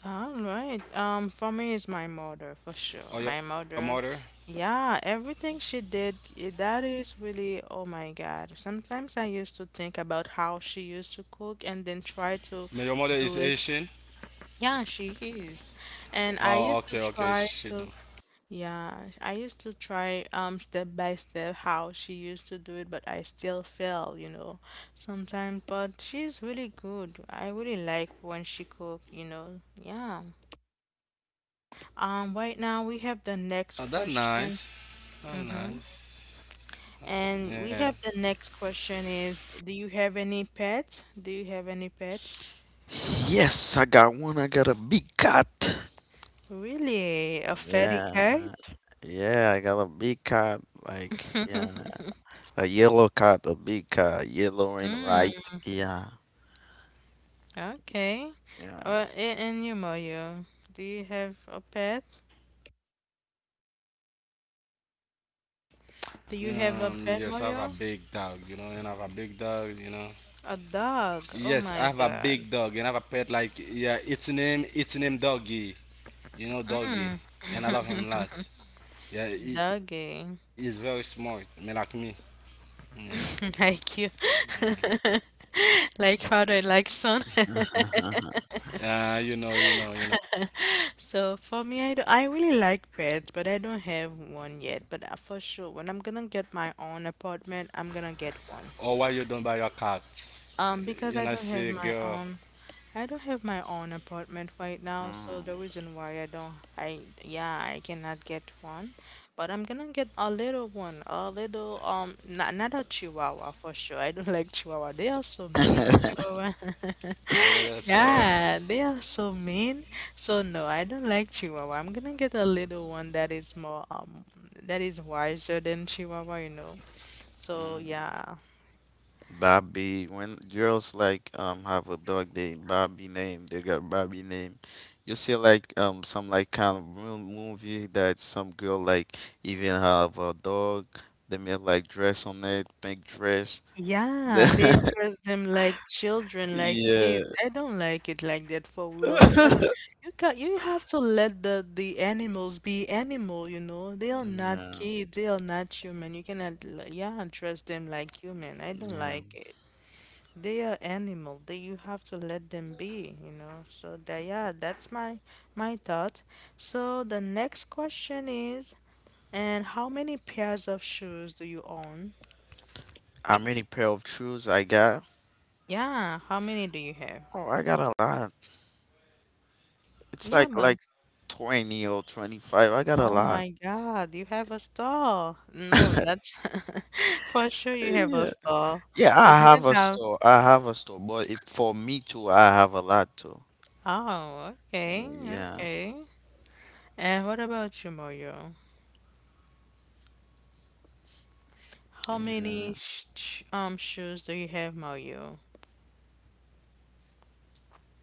S1: All right. For me it's my mother for sure.
S3: Or
S1: My
S3: your mother?
S1: mother, yeah, everything she did, that is really, oh my God. Sometimes I used to think about how she used to cook and then
S3: But
S1: try
S3: your mother
S1: to
S3: is
S1: do
S3: Asian?
S1: it. Yeah, she is.
S3: Oh,
S1: And I
S3: okay,
S1: used
S3: okay.
S1: to
S3: She do.
S1: try to, yeah, I used to try step by step how she used to do it, but I still fail, you know, sometimes. But she's really good. I really like when she cook. Yeah. Right now
S3: Oh,
S1: we
S3: that
S1: have the
S3: nice.
S1: next
S3: That
S1: question.
S3: nice.
S1: Mm-hmm.
S3: Yeah.
S1: And we have the next question is, do you have any pets? Do you have any pets?
S2: Yes, I got one. I got a big cat.
S1: Really? A fatty
S2: Yeah,
S1: cat?
S2: yeah, I got a big cat. Like, yeah, a yellow cat, a big cat, yellow and white. Yeah,
S1: Okay.
S2: yeah.
S1: Well, and you, Moyo, do you have a pet? Do
S3: Yes, I
S1: you
S3: have a
S1: have a
S3: big
S1: pet,
S3: dog, you know,
S1: Moyo?
S3: and I have a big dog, you know.
S1: A
S3: Yes, I have a
S1: dog. Oh
S3: big
S1: my
S3: dog and I have a
S1: God.
S3: pet like yeah, its name Doggy. You know Doggy.
S1: Mm,
S3: And I love him a lot. Yeah, he's very
S1: Doggy.
S3: smart, me like me. Yeah.
S1: [laughs] Like you. [laughs] Like father, like son.
S2: [laughs]
S3: You know, you know.
S1: [laughs] So for me, I really like pets, but I don't have one yet. But for sure, when I'm gonna get my own apartment, I'm gonna
S3: Oh,
S1: get
S3: why you
S1: one.
S3: don't buy a cat? And I
S1: Because I don't
S3: say,
S1: have my
S3: girl,
S1: own, I don't have my own apartment right now, so the
S2: Mm,
S1: reason why I don't, I, yeah, I cannot get one, but I'm gonna get a little one, not, not a chihuahua for sure. I don't [laughs] like chihuahua. They are so mean, chihuahua. [laughs]
S3: yeah, that's
S1: Yeah, they are so mean. So no, I don't like chihuahua. I'm gonna get a little one that is more, that is wiser than chihuahua. So
S2: mm.
S1: yeah.
S2: Bobby, when girls like have a dog, They got Bobby name. You see like some like kind of real movie that some girl like even have a dog. They make like dress on it, pink dress.
S1: Yeah, they
S2: [laughs]
S1: dress them like children, like kids.
S2: Yeah.
S1: I don't like it like that for real because
S2: [laughs]
S1: you have to let the animals be animal. They are not
S2: No.
S1: kids, they are not human. You cannot dress them like human. I don't
S2: Yeah.
S1: like it. They are animal. They You have to let them be. So that, yeah, that's my thought. So the next question is, and how many pairs of shoes do you own?
S2: How many pair of shoes I got?
S1: Yeah, how many do you have?
S2: Oh, I got a lot. It's
S1: Yeah,
S2: like
S1: but
S2: like 20 or 25. I got a
S1: oh
S2: lot.
S1: my God, you have a star. No, that's [laughs] for sure you have a
S2: Yeah.
S1: star.
S2: Yeah,
S1: You
S2: I
S1: cannot
S2: have a
S1: have.
S2: store. I have a store, but it, for me too, I have a lot too.
S1: Oh, okay,
S2: Yeah,
S1: okay. And what about you, Mario? How
S2: yeah,
S1: many shoes do you have, Mario?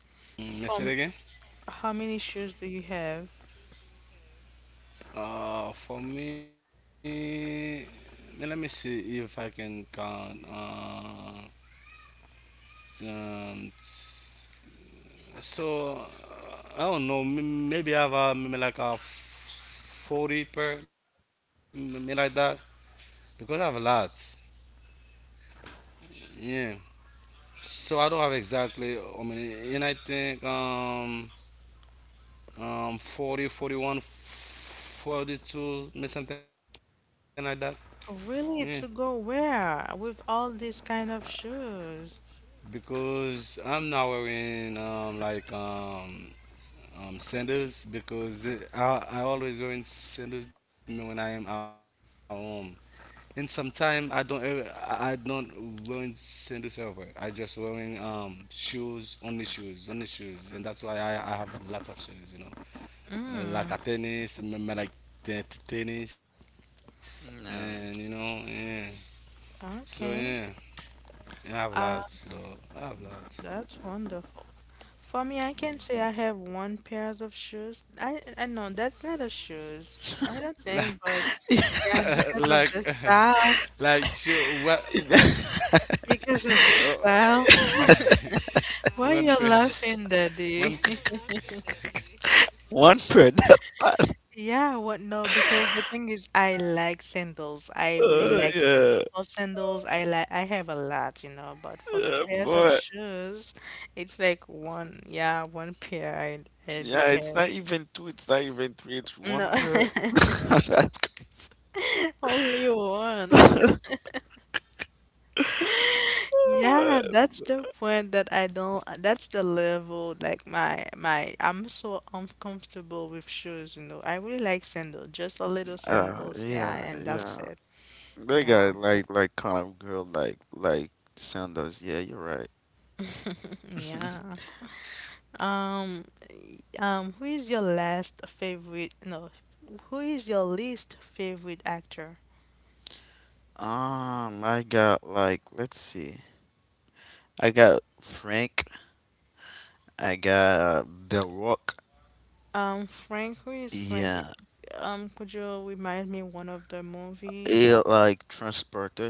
S3: mm, let's it again.
S1: From How many shoes do you have?
S3: For me, now let me see if I can count. Um, so uh, I don't know. Maybe I have maybe like a 40 per, maybe like that, because I have a lot. Yeah. So I don't have exactly. I mean, and I think um 40, 41, 42, maybe something like that. Yeah.
S1: Really, to go where with all these kind of shoes?
S3: Cause I'm not wearing like s- sandals because it, I always wearing sandals me when I am at home. And sometimes I don't ever, I don't wearing sandals ever. I just wearing shoes, only shoes, only shoes, and that's why I have lots of shoes, you know,
S1: Mm,
S3: like a tennis, like tennis, and
S2: yeah.
S3: you know, yeah. So
S1: okay.
S3: yeah, I have
S1: Uh,
S3: lots though. [laughs] I have
S1: that's wonderful. For me, I can say I have one pairs of shoes. I know that's not a shoes. I don't think, but yeah, because
S3: lots.
S1: of
S3: [laughs]
S1: the style.
S3: Like, you know, what?
S1: Because of the
S3: Oh,
S1: style. [laughs]
S3: [laughs]
S1: Why you
S3: one.
S1: laughing, Daddy? [laughs]
S2: [laughs] One per. That's not.
S1: Yeah, what no, because the thing is I like sandals. I really
S2: Uh,
S1: like
S2: yeah,
S1: sandals. For sandals, I have a lot, but for the
S2: yeah,
S1: pairs of
S2: but
S1: shoes, it's like one, yeah, one pair I do
S2: yeah, it's
S1: have.
S2: not even two. It's not even three. It's
S1: No.
S2: one per. [laughs]
S1: [laughs]
S2: That's crazy.
S1: Only one. [laughs]
S2: Uh,
S1: Yeah, that's the point that I don't, that's the level like my I'm so uncomfortable with shoes. I really like sandals, just a little
S2: uh,
S1: sandals, yeah,
S2: yeah,
S1: and that's
S2: yeah.
S1: it.
S2: They
S1: Yeah.
S2: got like kind of girl like Sanders. Yeah, you're right.
S1: [laughs] Yeah. Um, who is your last favorite, no, who is your least favorite actor?
S2: I got like let's see. I got Frank. I got The Rock.
S1: Frank, who is Frank?
S2: Yeah,
S1: Could you remind me one of the movie?
S2: it like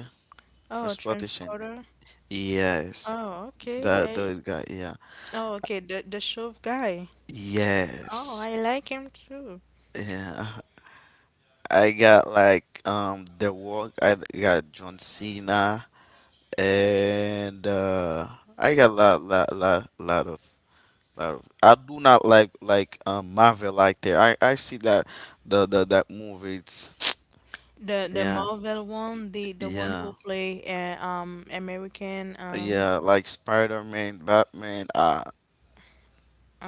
S1: Oh,
S2: transportation.
S1: Transporter.
S2: Yes,
S1: Oh, okay.
S2: that
S1: Yeah.
S2: those guy. Yeah,
S1: Oh, okay. The shove guy. Oh,
S2: yes.
S1: I like him too.
S2: Yeah, I got like The Rock. I got John Cena, and I got lot of. I do not like Marvel like that. I see that the that movie. It's
S1: The
S2: Yeah,
S1: Marvel one, the one
S2: yeah.
S1: who play, American,
S2: Yeah, like Spider-Man, Batman. Uh,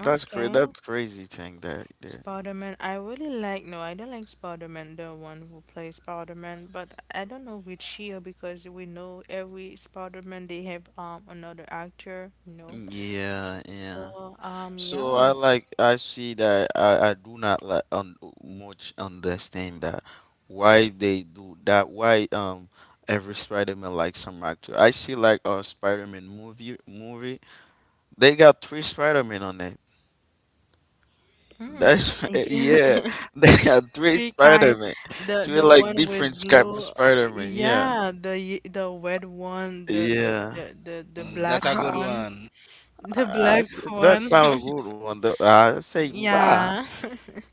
S2: that's crazy. That's crazy thing that there.
S1: Spider-Man. I really like no, I don't like Spider-Man, the one who plays Spider-Man, but I don't know which year because we know every Spider-Man they have another actor.
S2: Yeah, yeah.
S1: So
S2: So
S1: yeah.
S2: I like I see that I do not much understand that why they do that why every Spider-Man like some actor. I see like a Spider-Man movie. They got three Spider-Man on it.
S1: Mm.
S2: That's [laughs] yeah.
S1: [laughs]
S2: They got three
S1: Three kind.
S2: Spider-Man.
S1: The
S2: Three
S1: the
S2: like
S1: one with
S2: different type of
S1: blue,
S2: Spider-Man. Yeah.
S1: yeah, the red one, the the the
S2: Yeah.
S1: the, the black
S3: That's a good
S1: one,
S3: one.
S1: [laughs] the black one.
S2: That's not a
S1: [laughs]
S2: good one. I say wow.
S1: Yeah. [laughs]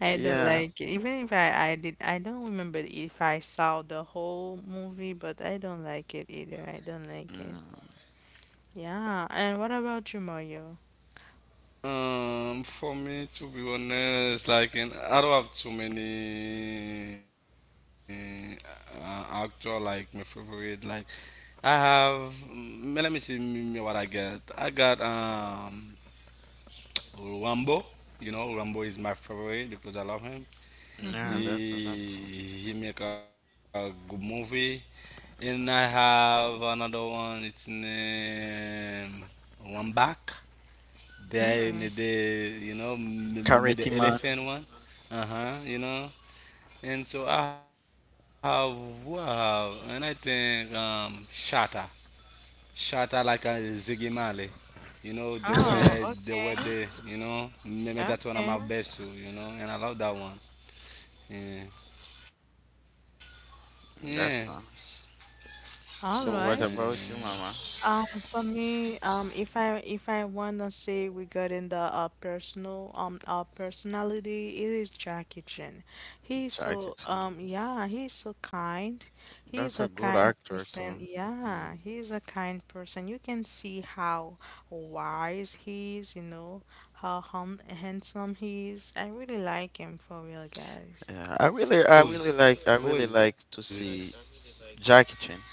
S1: I don't
S2: Yeah.
S1: like it. Even if I don't remember if I saw the whole movie, but I don't like it either. I don't like it. Yeah. And what about you, Mario?
S3: For me, to be honest, like, in, I don't have too many actor like my favorite. Like, I have. Mm, let me see me, what I get. I got Rambo. You know, Rambo is my favorite because I love him.
S2: Yeah,
S1: Mm-hmm.
S2: that's another one.
S3: He make a good movie. And I have another one. It's name one back.
S1: Mm.
S3: They made the you know
S2: Karate man.
S3: made the elephant one. Uh huh. You know. And so I have who I have, and I think Shatta, Shatta like a Ziggy Marley. You know
S1: Oh,
S2: [laughs]
S3: the
S1: okay.
S3: way they you know maybe
S1: Okay.
S3: that's one of my best too. You know, and I love that one. Yeah. Yeah.
S2: That's nice.
S1: All
S2: So what
S1: right.
S3: Yeah.
S2: about you, Mama?
S1: For me, if I wanna say regarding the, personal, our personality, it is Jackie Chan. He's
S2: Jackie
S1: so
S2: Chan.
S1: he's so kind. He's
S2: That's a
S1: a
S2: good
S1: kind
S2: actor
S1: person.
S2: too. Yeah.
S1: Yeah, he's a kind person. You can see how wise he is, how hum handsome he is. I really like him for real, guys.
S2: Yeah, I really, I
S1: He's
S2: really like,
S3: Who's
S2: I really
S3: who
S2: like
S3: is
S2: to
S3: it?
S2: see Jackie Chan.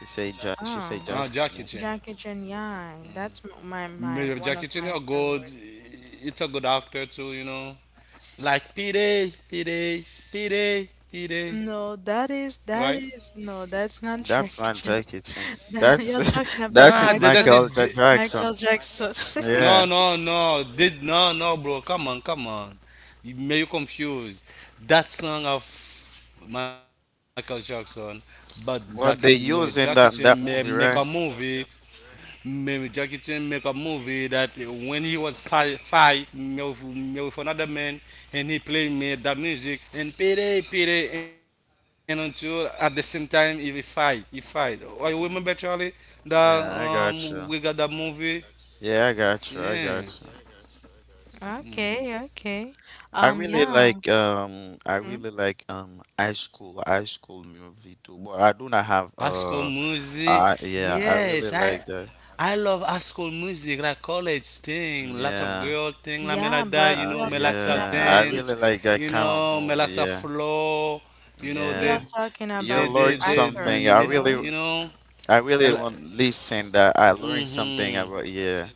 S2: He say, she say
S1: uh
S2: Jackie
S3: Jackie
S2: Chan. Yeah.
S3: Chan.
S1: Jackie Chan. Yeah, that's my
S3: Maybe
S1: one of
S3: Jackie Chan,
S1: my
S3: you're
S1: favorite.
S3: good. It's a good actor too, you know. Like P-Day,
S1: No,
S3: P-Day, right?
S1: that is no, that's not
S2: That's
S1: Jackie
S2: not
S1: Chan.
S2: Jackie Chan.
S1: [laughs] That,
S2: That's
S1: you're talking
S2: [laughs]
S1: about
S2: that's
S3: Ah,
S2: it,
S3: that, that's
S1: Michael
S2: Michael
S3: it.
S2: J.
S3: J-
S2: Jackson.
S1: Michael Jackson.
S2: Yeah,
S3: No,
S1: [laughs]
S3: no, no. Did no, no, bro. Come on, come on. You may you confused. That song of Michael Jackson, but Jackie,
S2: what they use
S3: Jackie
S2: in that
S3: Chan
S2: that
S3: may
S2: movie,
S3: make a
S2: right?
S3: movie. Maybe Jackie Chan make a movie that when he was fight, fight me with another man and he play me that music and pity pity and until at the same time he fight. Oh, you remember Charlie that
S2: Yeah, I got you.
S3: we got that movie?
S2: Yeah, I got you. I got
S3: Yeah.
S2: you.
S1: Okay, okay. Yeah,
S2: I
S1: mhm.
S2: really like high school movie too, but I do not have
S3: Asco music.
S2: I yeah, I
S3: Yes,
S2: really like that.
S3: I love high school music, like college thing, lots of
S2: Yeah.
S3: girl thing, like,
S1: Yeah,
S3: me like
S1: but
S3: that,
S1: we
S3: you
S1: are
S3: know,
S1: talking
S3: melata
S2: Yeah, I
S1: about the
S2: really
S3: dance,
S2: like that kind
S3: you
S2: of
S3: know,
S2: movie. Yeah.
S3: melata flow,
S1: we
S3: you
S1: are
S2: Yeah.
S3: know,
S1: talking
S2: You
S1: about the
S2: learn something.
S1: actors,
S2: I
S1: you
S3: you
S2: really
S3: know,
S1: know.
S2: I
S3: mela-
S2: really want listen that I learned
S3: Mhm.
S2: something about yeah.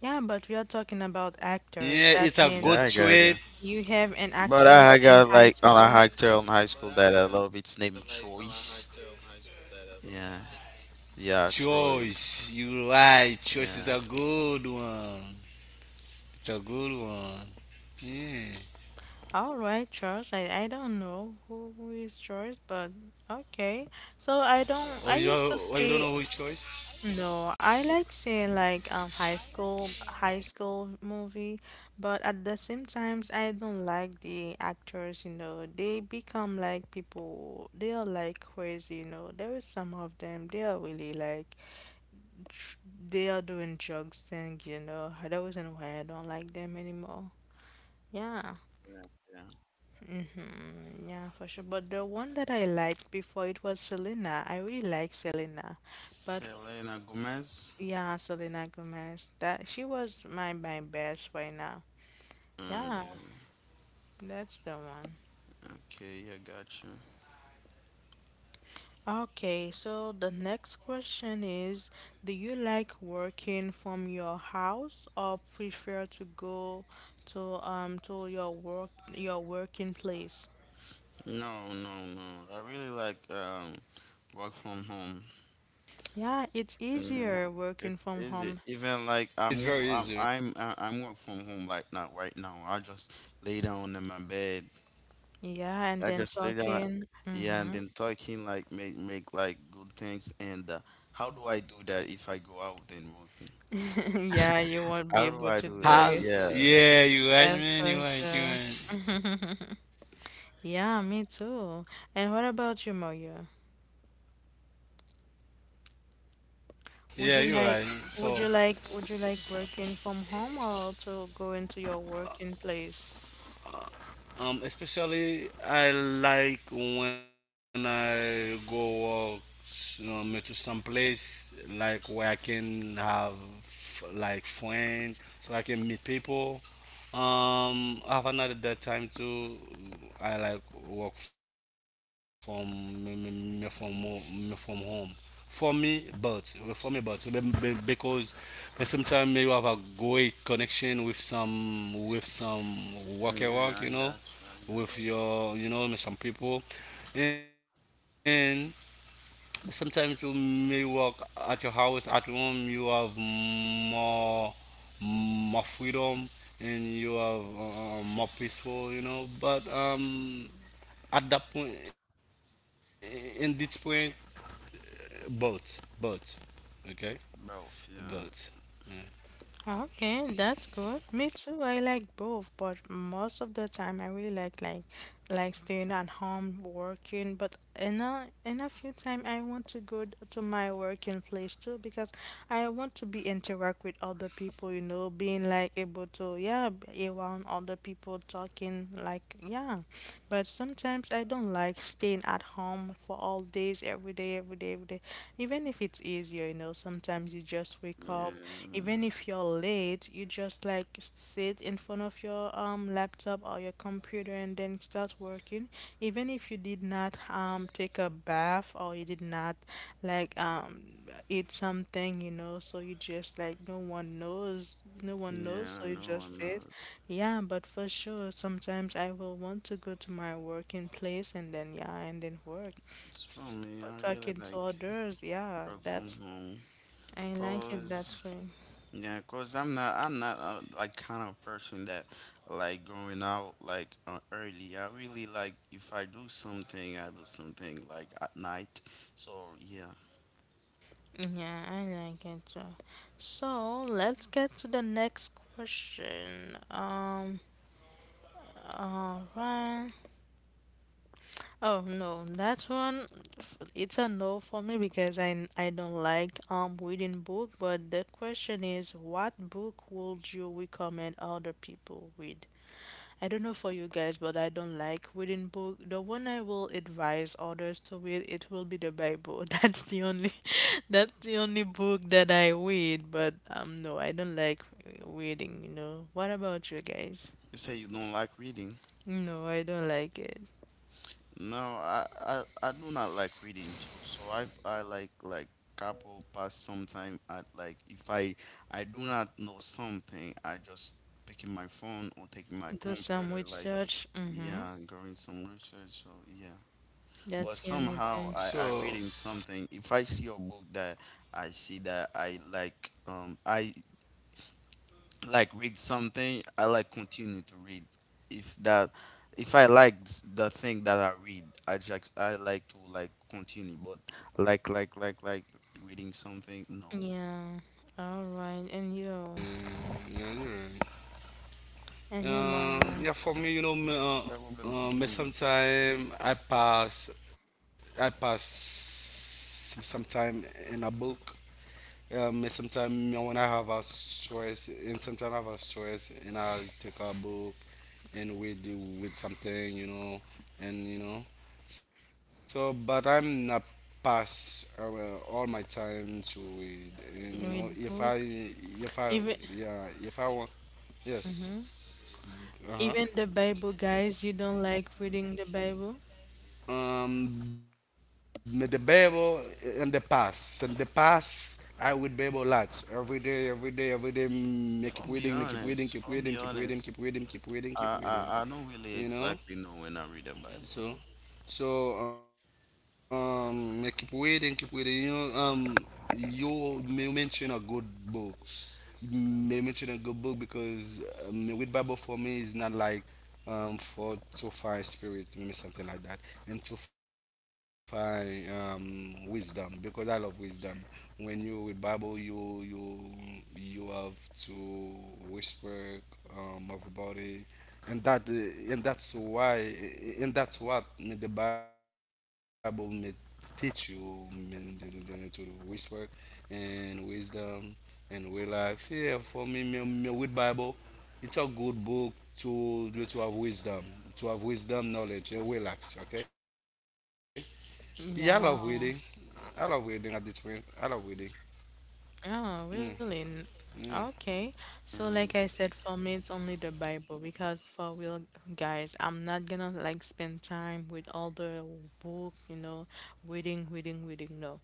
S1: Yeah, but we are talking about actors.
S3: Yeah,
S1: That
S3: it's a
S1: means
S2: Yeah,
S3: good
S2: I got you.
S3: trip.
S1: you have an
S2: But I,
S1: actors
S2: I
S1: in
S2: got
S1: high
S2: like on a
S1: school.
S2: actor in high school that I love. It's named Choice. Yeah. Yeah, Troy.
S3: Choice, you right, choice is
S2: Yeah,
S3: a good one. It's a good one. Yeah.
S1: All right, Charles. I don't know who is Charles, but okay. So I don't. I used to
S3: Or you
S1: see.
S3: don't know which choice?
S1: No, I like seeing like high school movie, but at the same times I don't like the actors. They become like people, they are like crazy. There is some of them, they are really like dr- they are doing drugs thing. That wasn't why I don't like them anymore. Yeah.
S2: yeah.
S1: Mm-hmm. Yeah, for sure. But the one that I liked before it was Selena. I really like Selena. But
S2: Selena Gomez.
S1: Yeah, Selena Gomez. That she was my best right now. Yeah,
S2: Yeah.
S1: that's the one.
S2: Okay, yeah, gotcha.
S1: Okay, so the next question is, do you like working from your house or prefer to go to your working place?
S2: No. I really like work from home.
S1: Yeah, it's
S2: Yeah.
S1: easier working
S2: It's
S1: from
S2: easy.
S1: home.
S2: Even like I'm wo-
S3: It's very
S2: I'm
S3: easy.
S2: I- I'm work from home like now right now. I just lay down in my bed.
S1: Yeah, and
S2: I
S1: then
S2: just lay down.
S1: talking.
S2: Yeah, and
S1: Mm-hmm. [laughs]
S2: then talking like make like good things. And how do I do that if I go out and working?
S1: Yeah, you won't be
S2: How do
S1: able
S2: I
S1: to
S2: do
S1: do
S2: that?
S1: it.
S2: Yeah.
S3: Ah,
S1: That's
S3: yeah,
S1: for
S3: you right, man,
S1: sure.
S3: you right.
S1: [laughs] Yeah, me too. And what about you, Moya? Would you
S3: Yeah,
S1: like
S3: you're right.
S1: would you
S3: So,
S1: like would you like working from home or to go into your working place?
S3: especially I like when I go walk to some place like where I can have like friends, so I can meet people. I have another that time too. I like work from me from home. For me, but for me, but because sometimes you have a great connection with
S2: Yeah, I
S3: some
S2: got you.
S3: worker
S2: I
S3: work, you
S2: got
S3: know,
S2: you.
S3: with your you know with some people, and sometimes you may work at your house, at home, you have more freedom and you have more peaceful, you know. But at that point, in this point, both, okay,
S2: Both, yeah.
S3: both.
S1: Okay, that's good. Me too. I like both, but most of the time I really like staying at home working. But in a few time I want to go to my working place too because I want to be interact with other people. You know, being like able to be around other people talking like yeah. But sometimes I don't like staying at home for all days every day every day every day, even if it's easy easier, you know. Sometimes you just wake up,
S2: Yeah.
S1: even if you're late, you just like sit in front of your laptop or your computer and then start working. Even if you did not take a bath or you did not like eat something, so you just like no one knows, no one knows,
S2: Yeah,
S1: so you
S2: no one
S1: just sit.
S2: knows.
S1: Yeah, but for sure, sometimes I will want to go to my working place and then work
S2: It's for me,
S1: or
S2: I really
S1: talking
S2: like
S1: to others. Yeah,
S2: work from
S1: that's
S2: home.
S1: I like it that
S2: Cause,
S1: way.
S2: yeah, cause I'm not like kind of person that like going out like early. I really like if I do something, I do something like at night. So yeah,
S1: Yeah, I like it too. So let's get to the next question. All right. Oh no, it's a no for me because I don't like reading book. But the question is, what book would you recommend other people read? I don't know for you guys, but I don't like reading book. The one I will advise others to read, it will be the Bible. [laughs] That's the only, [laughs] that's the only book that I read. But no, I don't like reading. You know. What about you guys?
S2: you say you don't like reading.
S1: No, I don't like it.
S2: No, I do not like reading too. So I like couple pass sometime at like if I I do not know something, I just picking my phone or taking my
S1: Do
S2: computer
S1: some
S2: like
S1: research. Mm-hmm.
S2: yeah, going some research. So yeah, but
S1: That's the only
S2: somehow
S1: thing.
S2: I
S3: So
S2: reading something. If I see a book that I see that I like, I like read something I like continue to read if that if I the thing that I read I just I like to like continue but like reading something no
S1: Yeah. All right. And you,
S3: yeah,
S1: and you,
S3: yeah.
S1: Maria,
S3: Yeah, for me, you know,
S2: my
S3: me,
S2: problem to German.
S3: sometimes I pass some time in a book. Sometimes when I have a choice, and sometimes I have a choice, and I take a book and read the, with something, you know, and you know. So, but I'm not pass all my time to read, and you
S1: read
S3: know,
S1: book.
S3: if
S1: Even,
S3: I, yeah, if I want,
S1: mm-hmm.
S3: yes,
S1: Even the
S3: uh huh.
S1: Bible, guys. You don't like reading the Bible.
S3: Um, the Bible and the past. And the past, I would Bible a lot. Every day, every day, every day.
S2: for
S3: Mm, me
S2: be
S3: keep reading,
S2: honest for be
S3: keep reading, keep reading,
S2: honest
S3: keep reading, keep reading, keep
S2: I don't
S3: reading.
S2: really exactly
S3: You
S2: know when
S3: know?
S2: I read the Bible.
S3: So, so me keep reading, keep reading. You know, you may mention a good book. May mention a good book because me read Bible for me is not like for to find spirit, maybe something like that, and to find wisdom because I love wisdom. When you read Bible, you have to whisper everybody, and that's why and that's what the Bible may teach you to whisper and wisdom and relax. Yeah, for me, me with Bible it's a good book to to have wisdom, to have wisdom, knowledge, and relax. Okay. Yeah, I love
S1: Yeah,
S3: reading. I love reading at this point. I love reading.
S1: yeah, really.
S3: Mm.
S1: Okay. So like I
S2: And-
S1: said, for me it's only the Bible. Because for real, guys, I'm not gonna like spend time with all the book, you know, reading, reading, reading. No.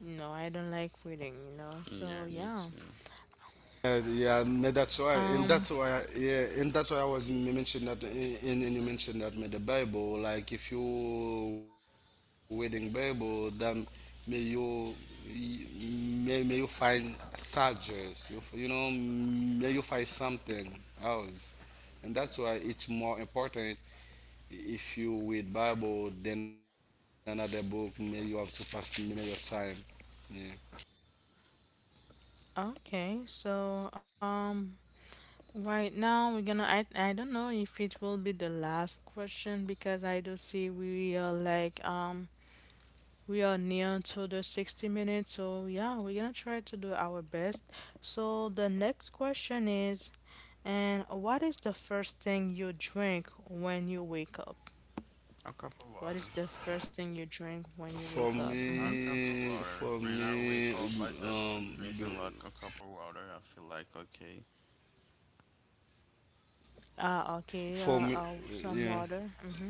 S1: No, I don't like reading.
S2: yeah
S1: So
S2: me
S1: yeah.
S2: too.
S3: Yeah,
S1: Um,
S3: yeah, and that's why I was mentioned that, and you mentioned that with the Bible. Like, if you reading Bible, then may you may you find soldiers. You know, may you find something else, and that's why it's more important if you read Bible, then another book, may you have to pass many of time. Yeah.
S1: okay. Right now we're gonna I don't know if it will be the last question, because I do see we are like we are near to the 60 minutes, so yeah, we're gonna try to do our best. So the next question is, and what is the first thing you drink when you wake up?
S2: a cup of
S1: What
S2: water
S1: is the first thing you drink when you
S3: For
S1: wake up?
S2: a
S1: Mm-hmm.
S2: cup of
S3: me,
S2: water
S3: for
S2: when I wake
S3: me,
S2: up I just
S3: um,
S2: drinking like a cup of water I feel like okay.
S1: Ah, okay,
S3: for me,
S1: some water.
S3: yeah.
S1: Mm-hmm.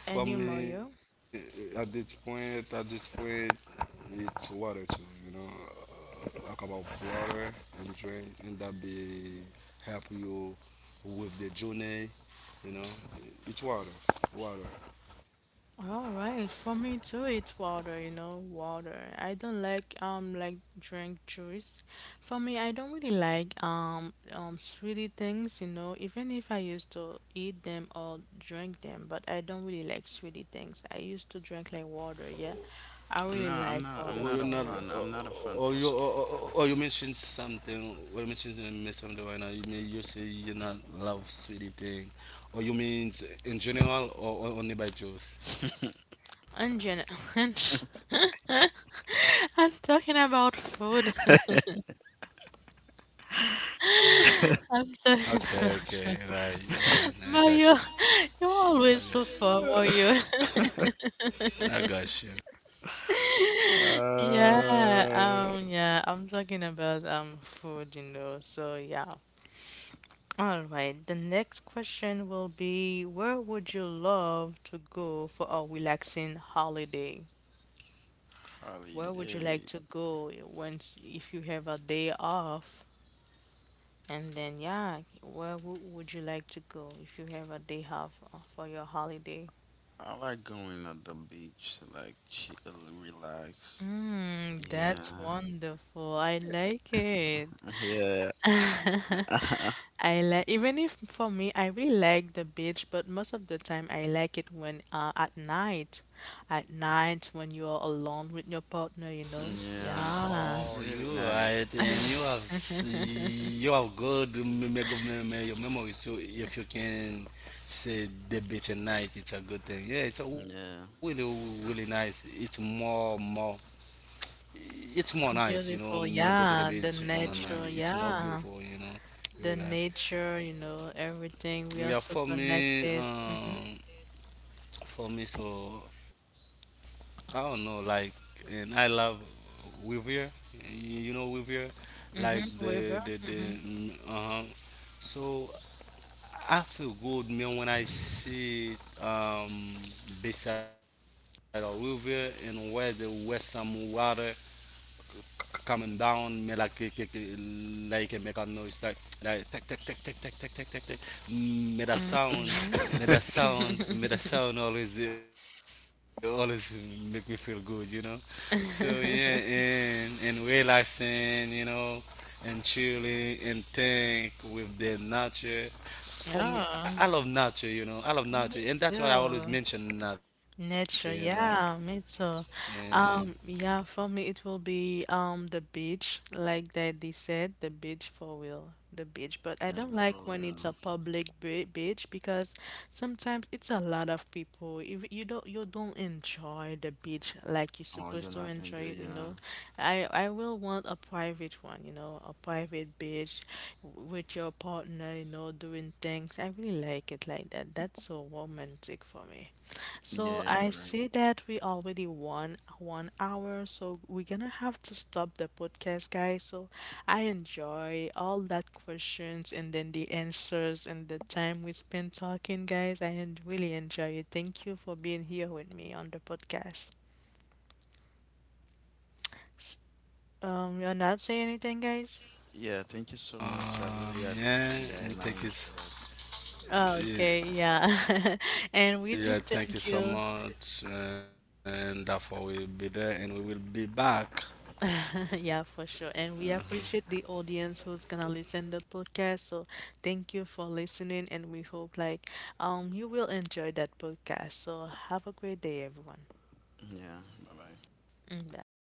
S1: And you,
S3: Hmm.
S1: Mario?
S3: For me, at this point, it's water too. You know, talk about water and drink, and that be help you with the journey. You know, it's water, water.
S1: All right, for me too, it's water, you know, water. I don't like drink juice. For me, I don't really like sweetie things, you know, even if I used to eat them or drink them, but I don't really like sweetie things. I used to drink like water, yeah. I really like
S2: I'm not a
S1: water
S3: Or you
S1: for
S2: fan.
S3: not,
S1: real.
S2: I'm not a fan for
S3: or you,
S2: swimming.
S3: Or you mentioned something, something right now. You may you say you not love sweetie thing, or you means in general, or only by Joe's.
S1: And gen [laughs] and [laughs] I'm talking about food. [laughs] I'm talking about food.
S3: Okay, okay, right,
S1: Mario,
S3: right.
S1: [laughs]
S3: I
S1: you're
S3: got you.
S1: always so far, Mario.
S3: Okay,
S1: [laughs]
S3: I got you.
S1: Yeah,
S2: Uh,
S1: yeah, I'm talking about food, you know. So yeah. All right. The next question will be, where would you love to go for a relaxing holiday? Where would you
S2: Holiday.
S1: like to go once if you have a day off? And then yeah, where would you like to go if you have a day off for your holiday?
S2: I like going at the beach, like chill, relax.
S1: Mm, that's
S2: Yeah.
S1: wonderful. I like it.
S2: Yeah.
S1: [laughs] I
S2: [laughs]
S1: like, even if for me, I really like the beach, but most of the time I like it when, at night when you are alone with your partner, you know.
S2: yeah. It's
S1: Yeah,
S3: Oh,
S2: really
S3: you
S2: nice.
S3: right, and you have you have good good your memory. So if you can say the beach at night, it's a good thing. Yeah,
S2: Yeah.
S3: it's a really really nice. It's
S1: so
S3: more nice. You
S1: beautiful.
S3: know,
S1: Yeah,
S3: me go
S1: the
S3: to the beach.
S2: Yeah.
S1: nature.
S3: And
S1: Yeah,
S3: it's more beautiful. You
S1: the
S3: know,
S1: nature.
S3: you
S1: You
S3: relax.
S1: know, everything. We are so
S3: Yeah,
S1: connected. Mm-hmm.
S3: for me, so. I don't know, like, and I love Weavier. You know Weavier,
S1: Mm-hmm.
S3: like
S1: River. Mm-hmm.
S3: the So I feel good, man, when I see um beside of Weavier and where the where some water coming down, me like kick, like it make a noise like tick.
S1: Mm-hmm. Mm-hmm.
S3: Mm, me the
S2: [laughs]
S3: sound, me the sound always make me feel good, you know. So yeah, and relaxing, you know, and chilling and think with the nature. For
S1: Yeah,
S3: me, I love nature, you
S1: me
S3: know. I love nature, and
S1: too.
S3: that's why I always mention nature,
S1: Nature,
S3: you know.
S1: yeah, me too.
S3: Yeah.
S1: Yeah, for me it will be the beach, like that they said, the beach for real, the beach.
S2: Yeah.
S1: But I
S2: For
S1: don't like
S2: real.
S1: when it's a public be beach, because sometimes it's a lot of people. If you don't, you don't enjoy the beach like you're
S2: Oh, you're not
S1: supposed to
S2: enjoy.
S1: enjoy it,
S2: Yeah.
S1: you know. I will want a private one, you know, a private beach with your partner, you know, doing things. I really like it like that. That's so romantic for me.
S2: Yeah.
S1: So
S2: You're right.
S1: I see that we already won 1 hour, so we're gonna have to stop the podcast, guys. So I enjoy all that questions and then the answers and the time we spent talking, guys. I really enjoy it. Thank you for being here with me on the podcast. S- you're not saying anything, guys?
S2: Yeah. Thank you so much. I really appreciate that, and
S3: Yeah,
S2: I enjoy
S3: and take
S2: that.
S3: this.
S1: Okay,
S3: Yeah,
S1: yeah. [laughs] And we do
S3: yeah,
S1: thank
S3: thank
S1: you.
S3: you so much. And therefore, we'll be there and we will be back.
S1: Yeah, for sure. And we appreciate the audience who's gonna listen the podcast. So thank you for listening, and we hope like you will enjoy that podcast. So have a great day everyone.
S2: Yeah. Bye bye.
S1: Mm, bye.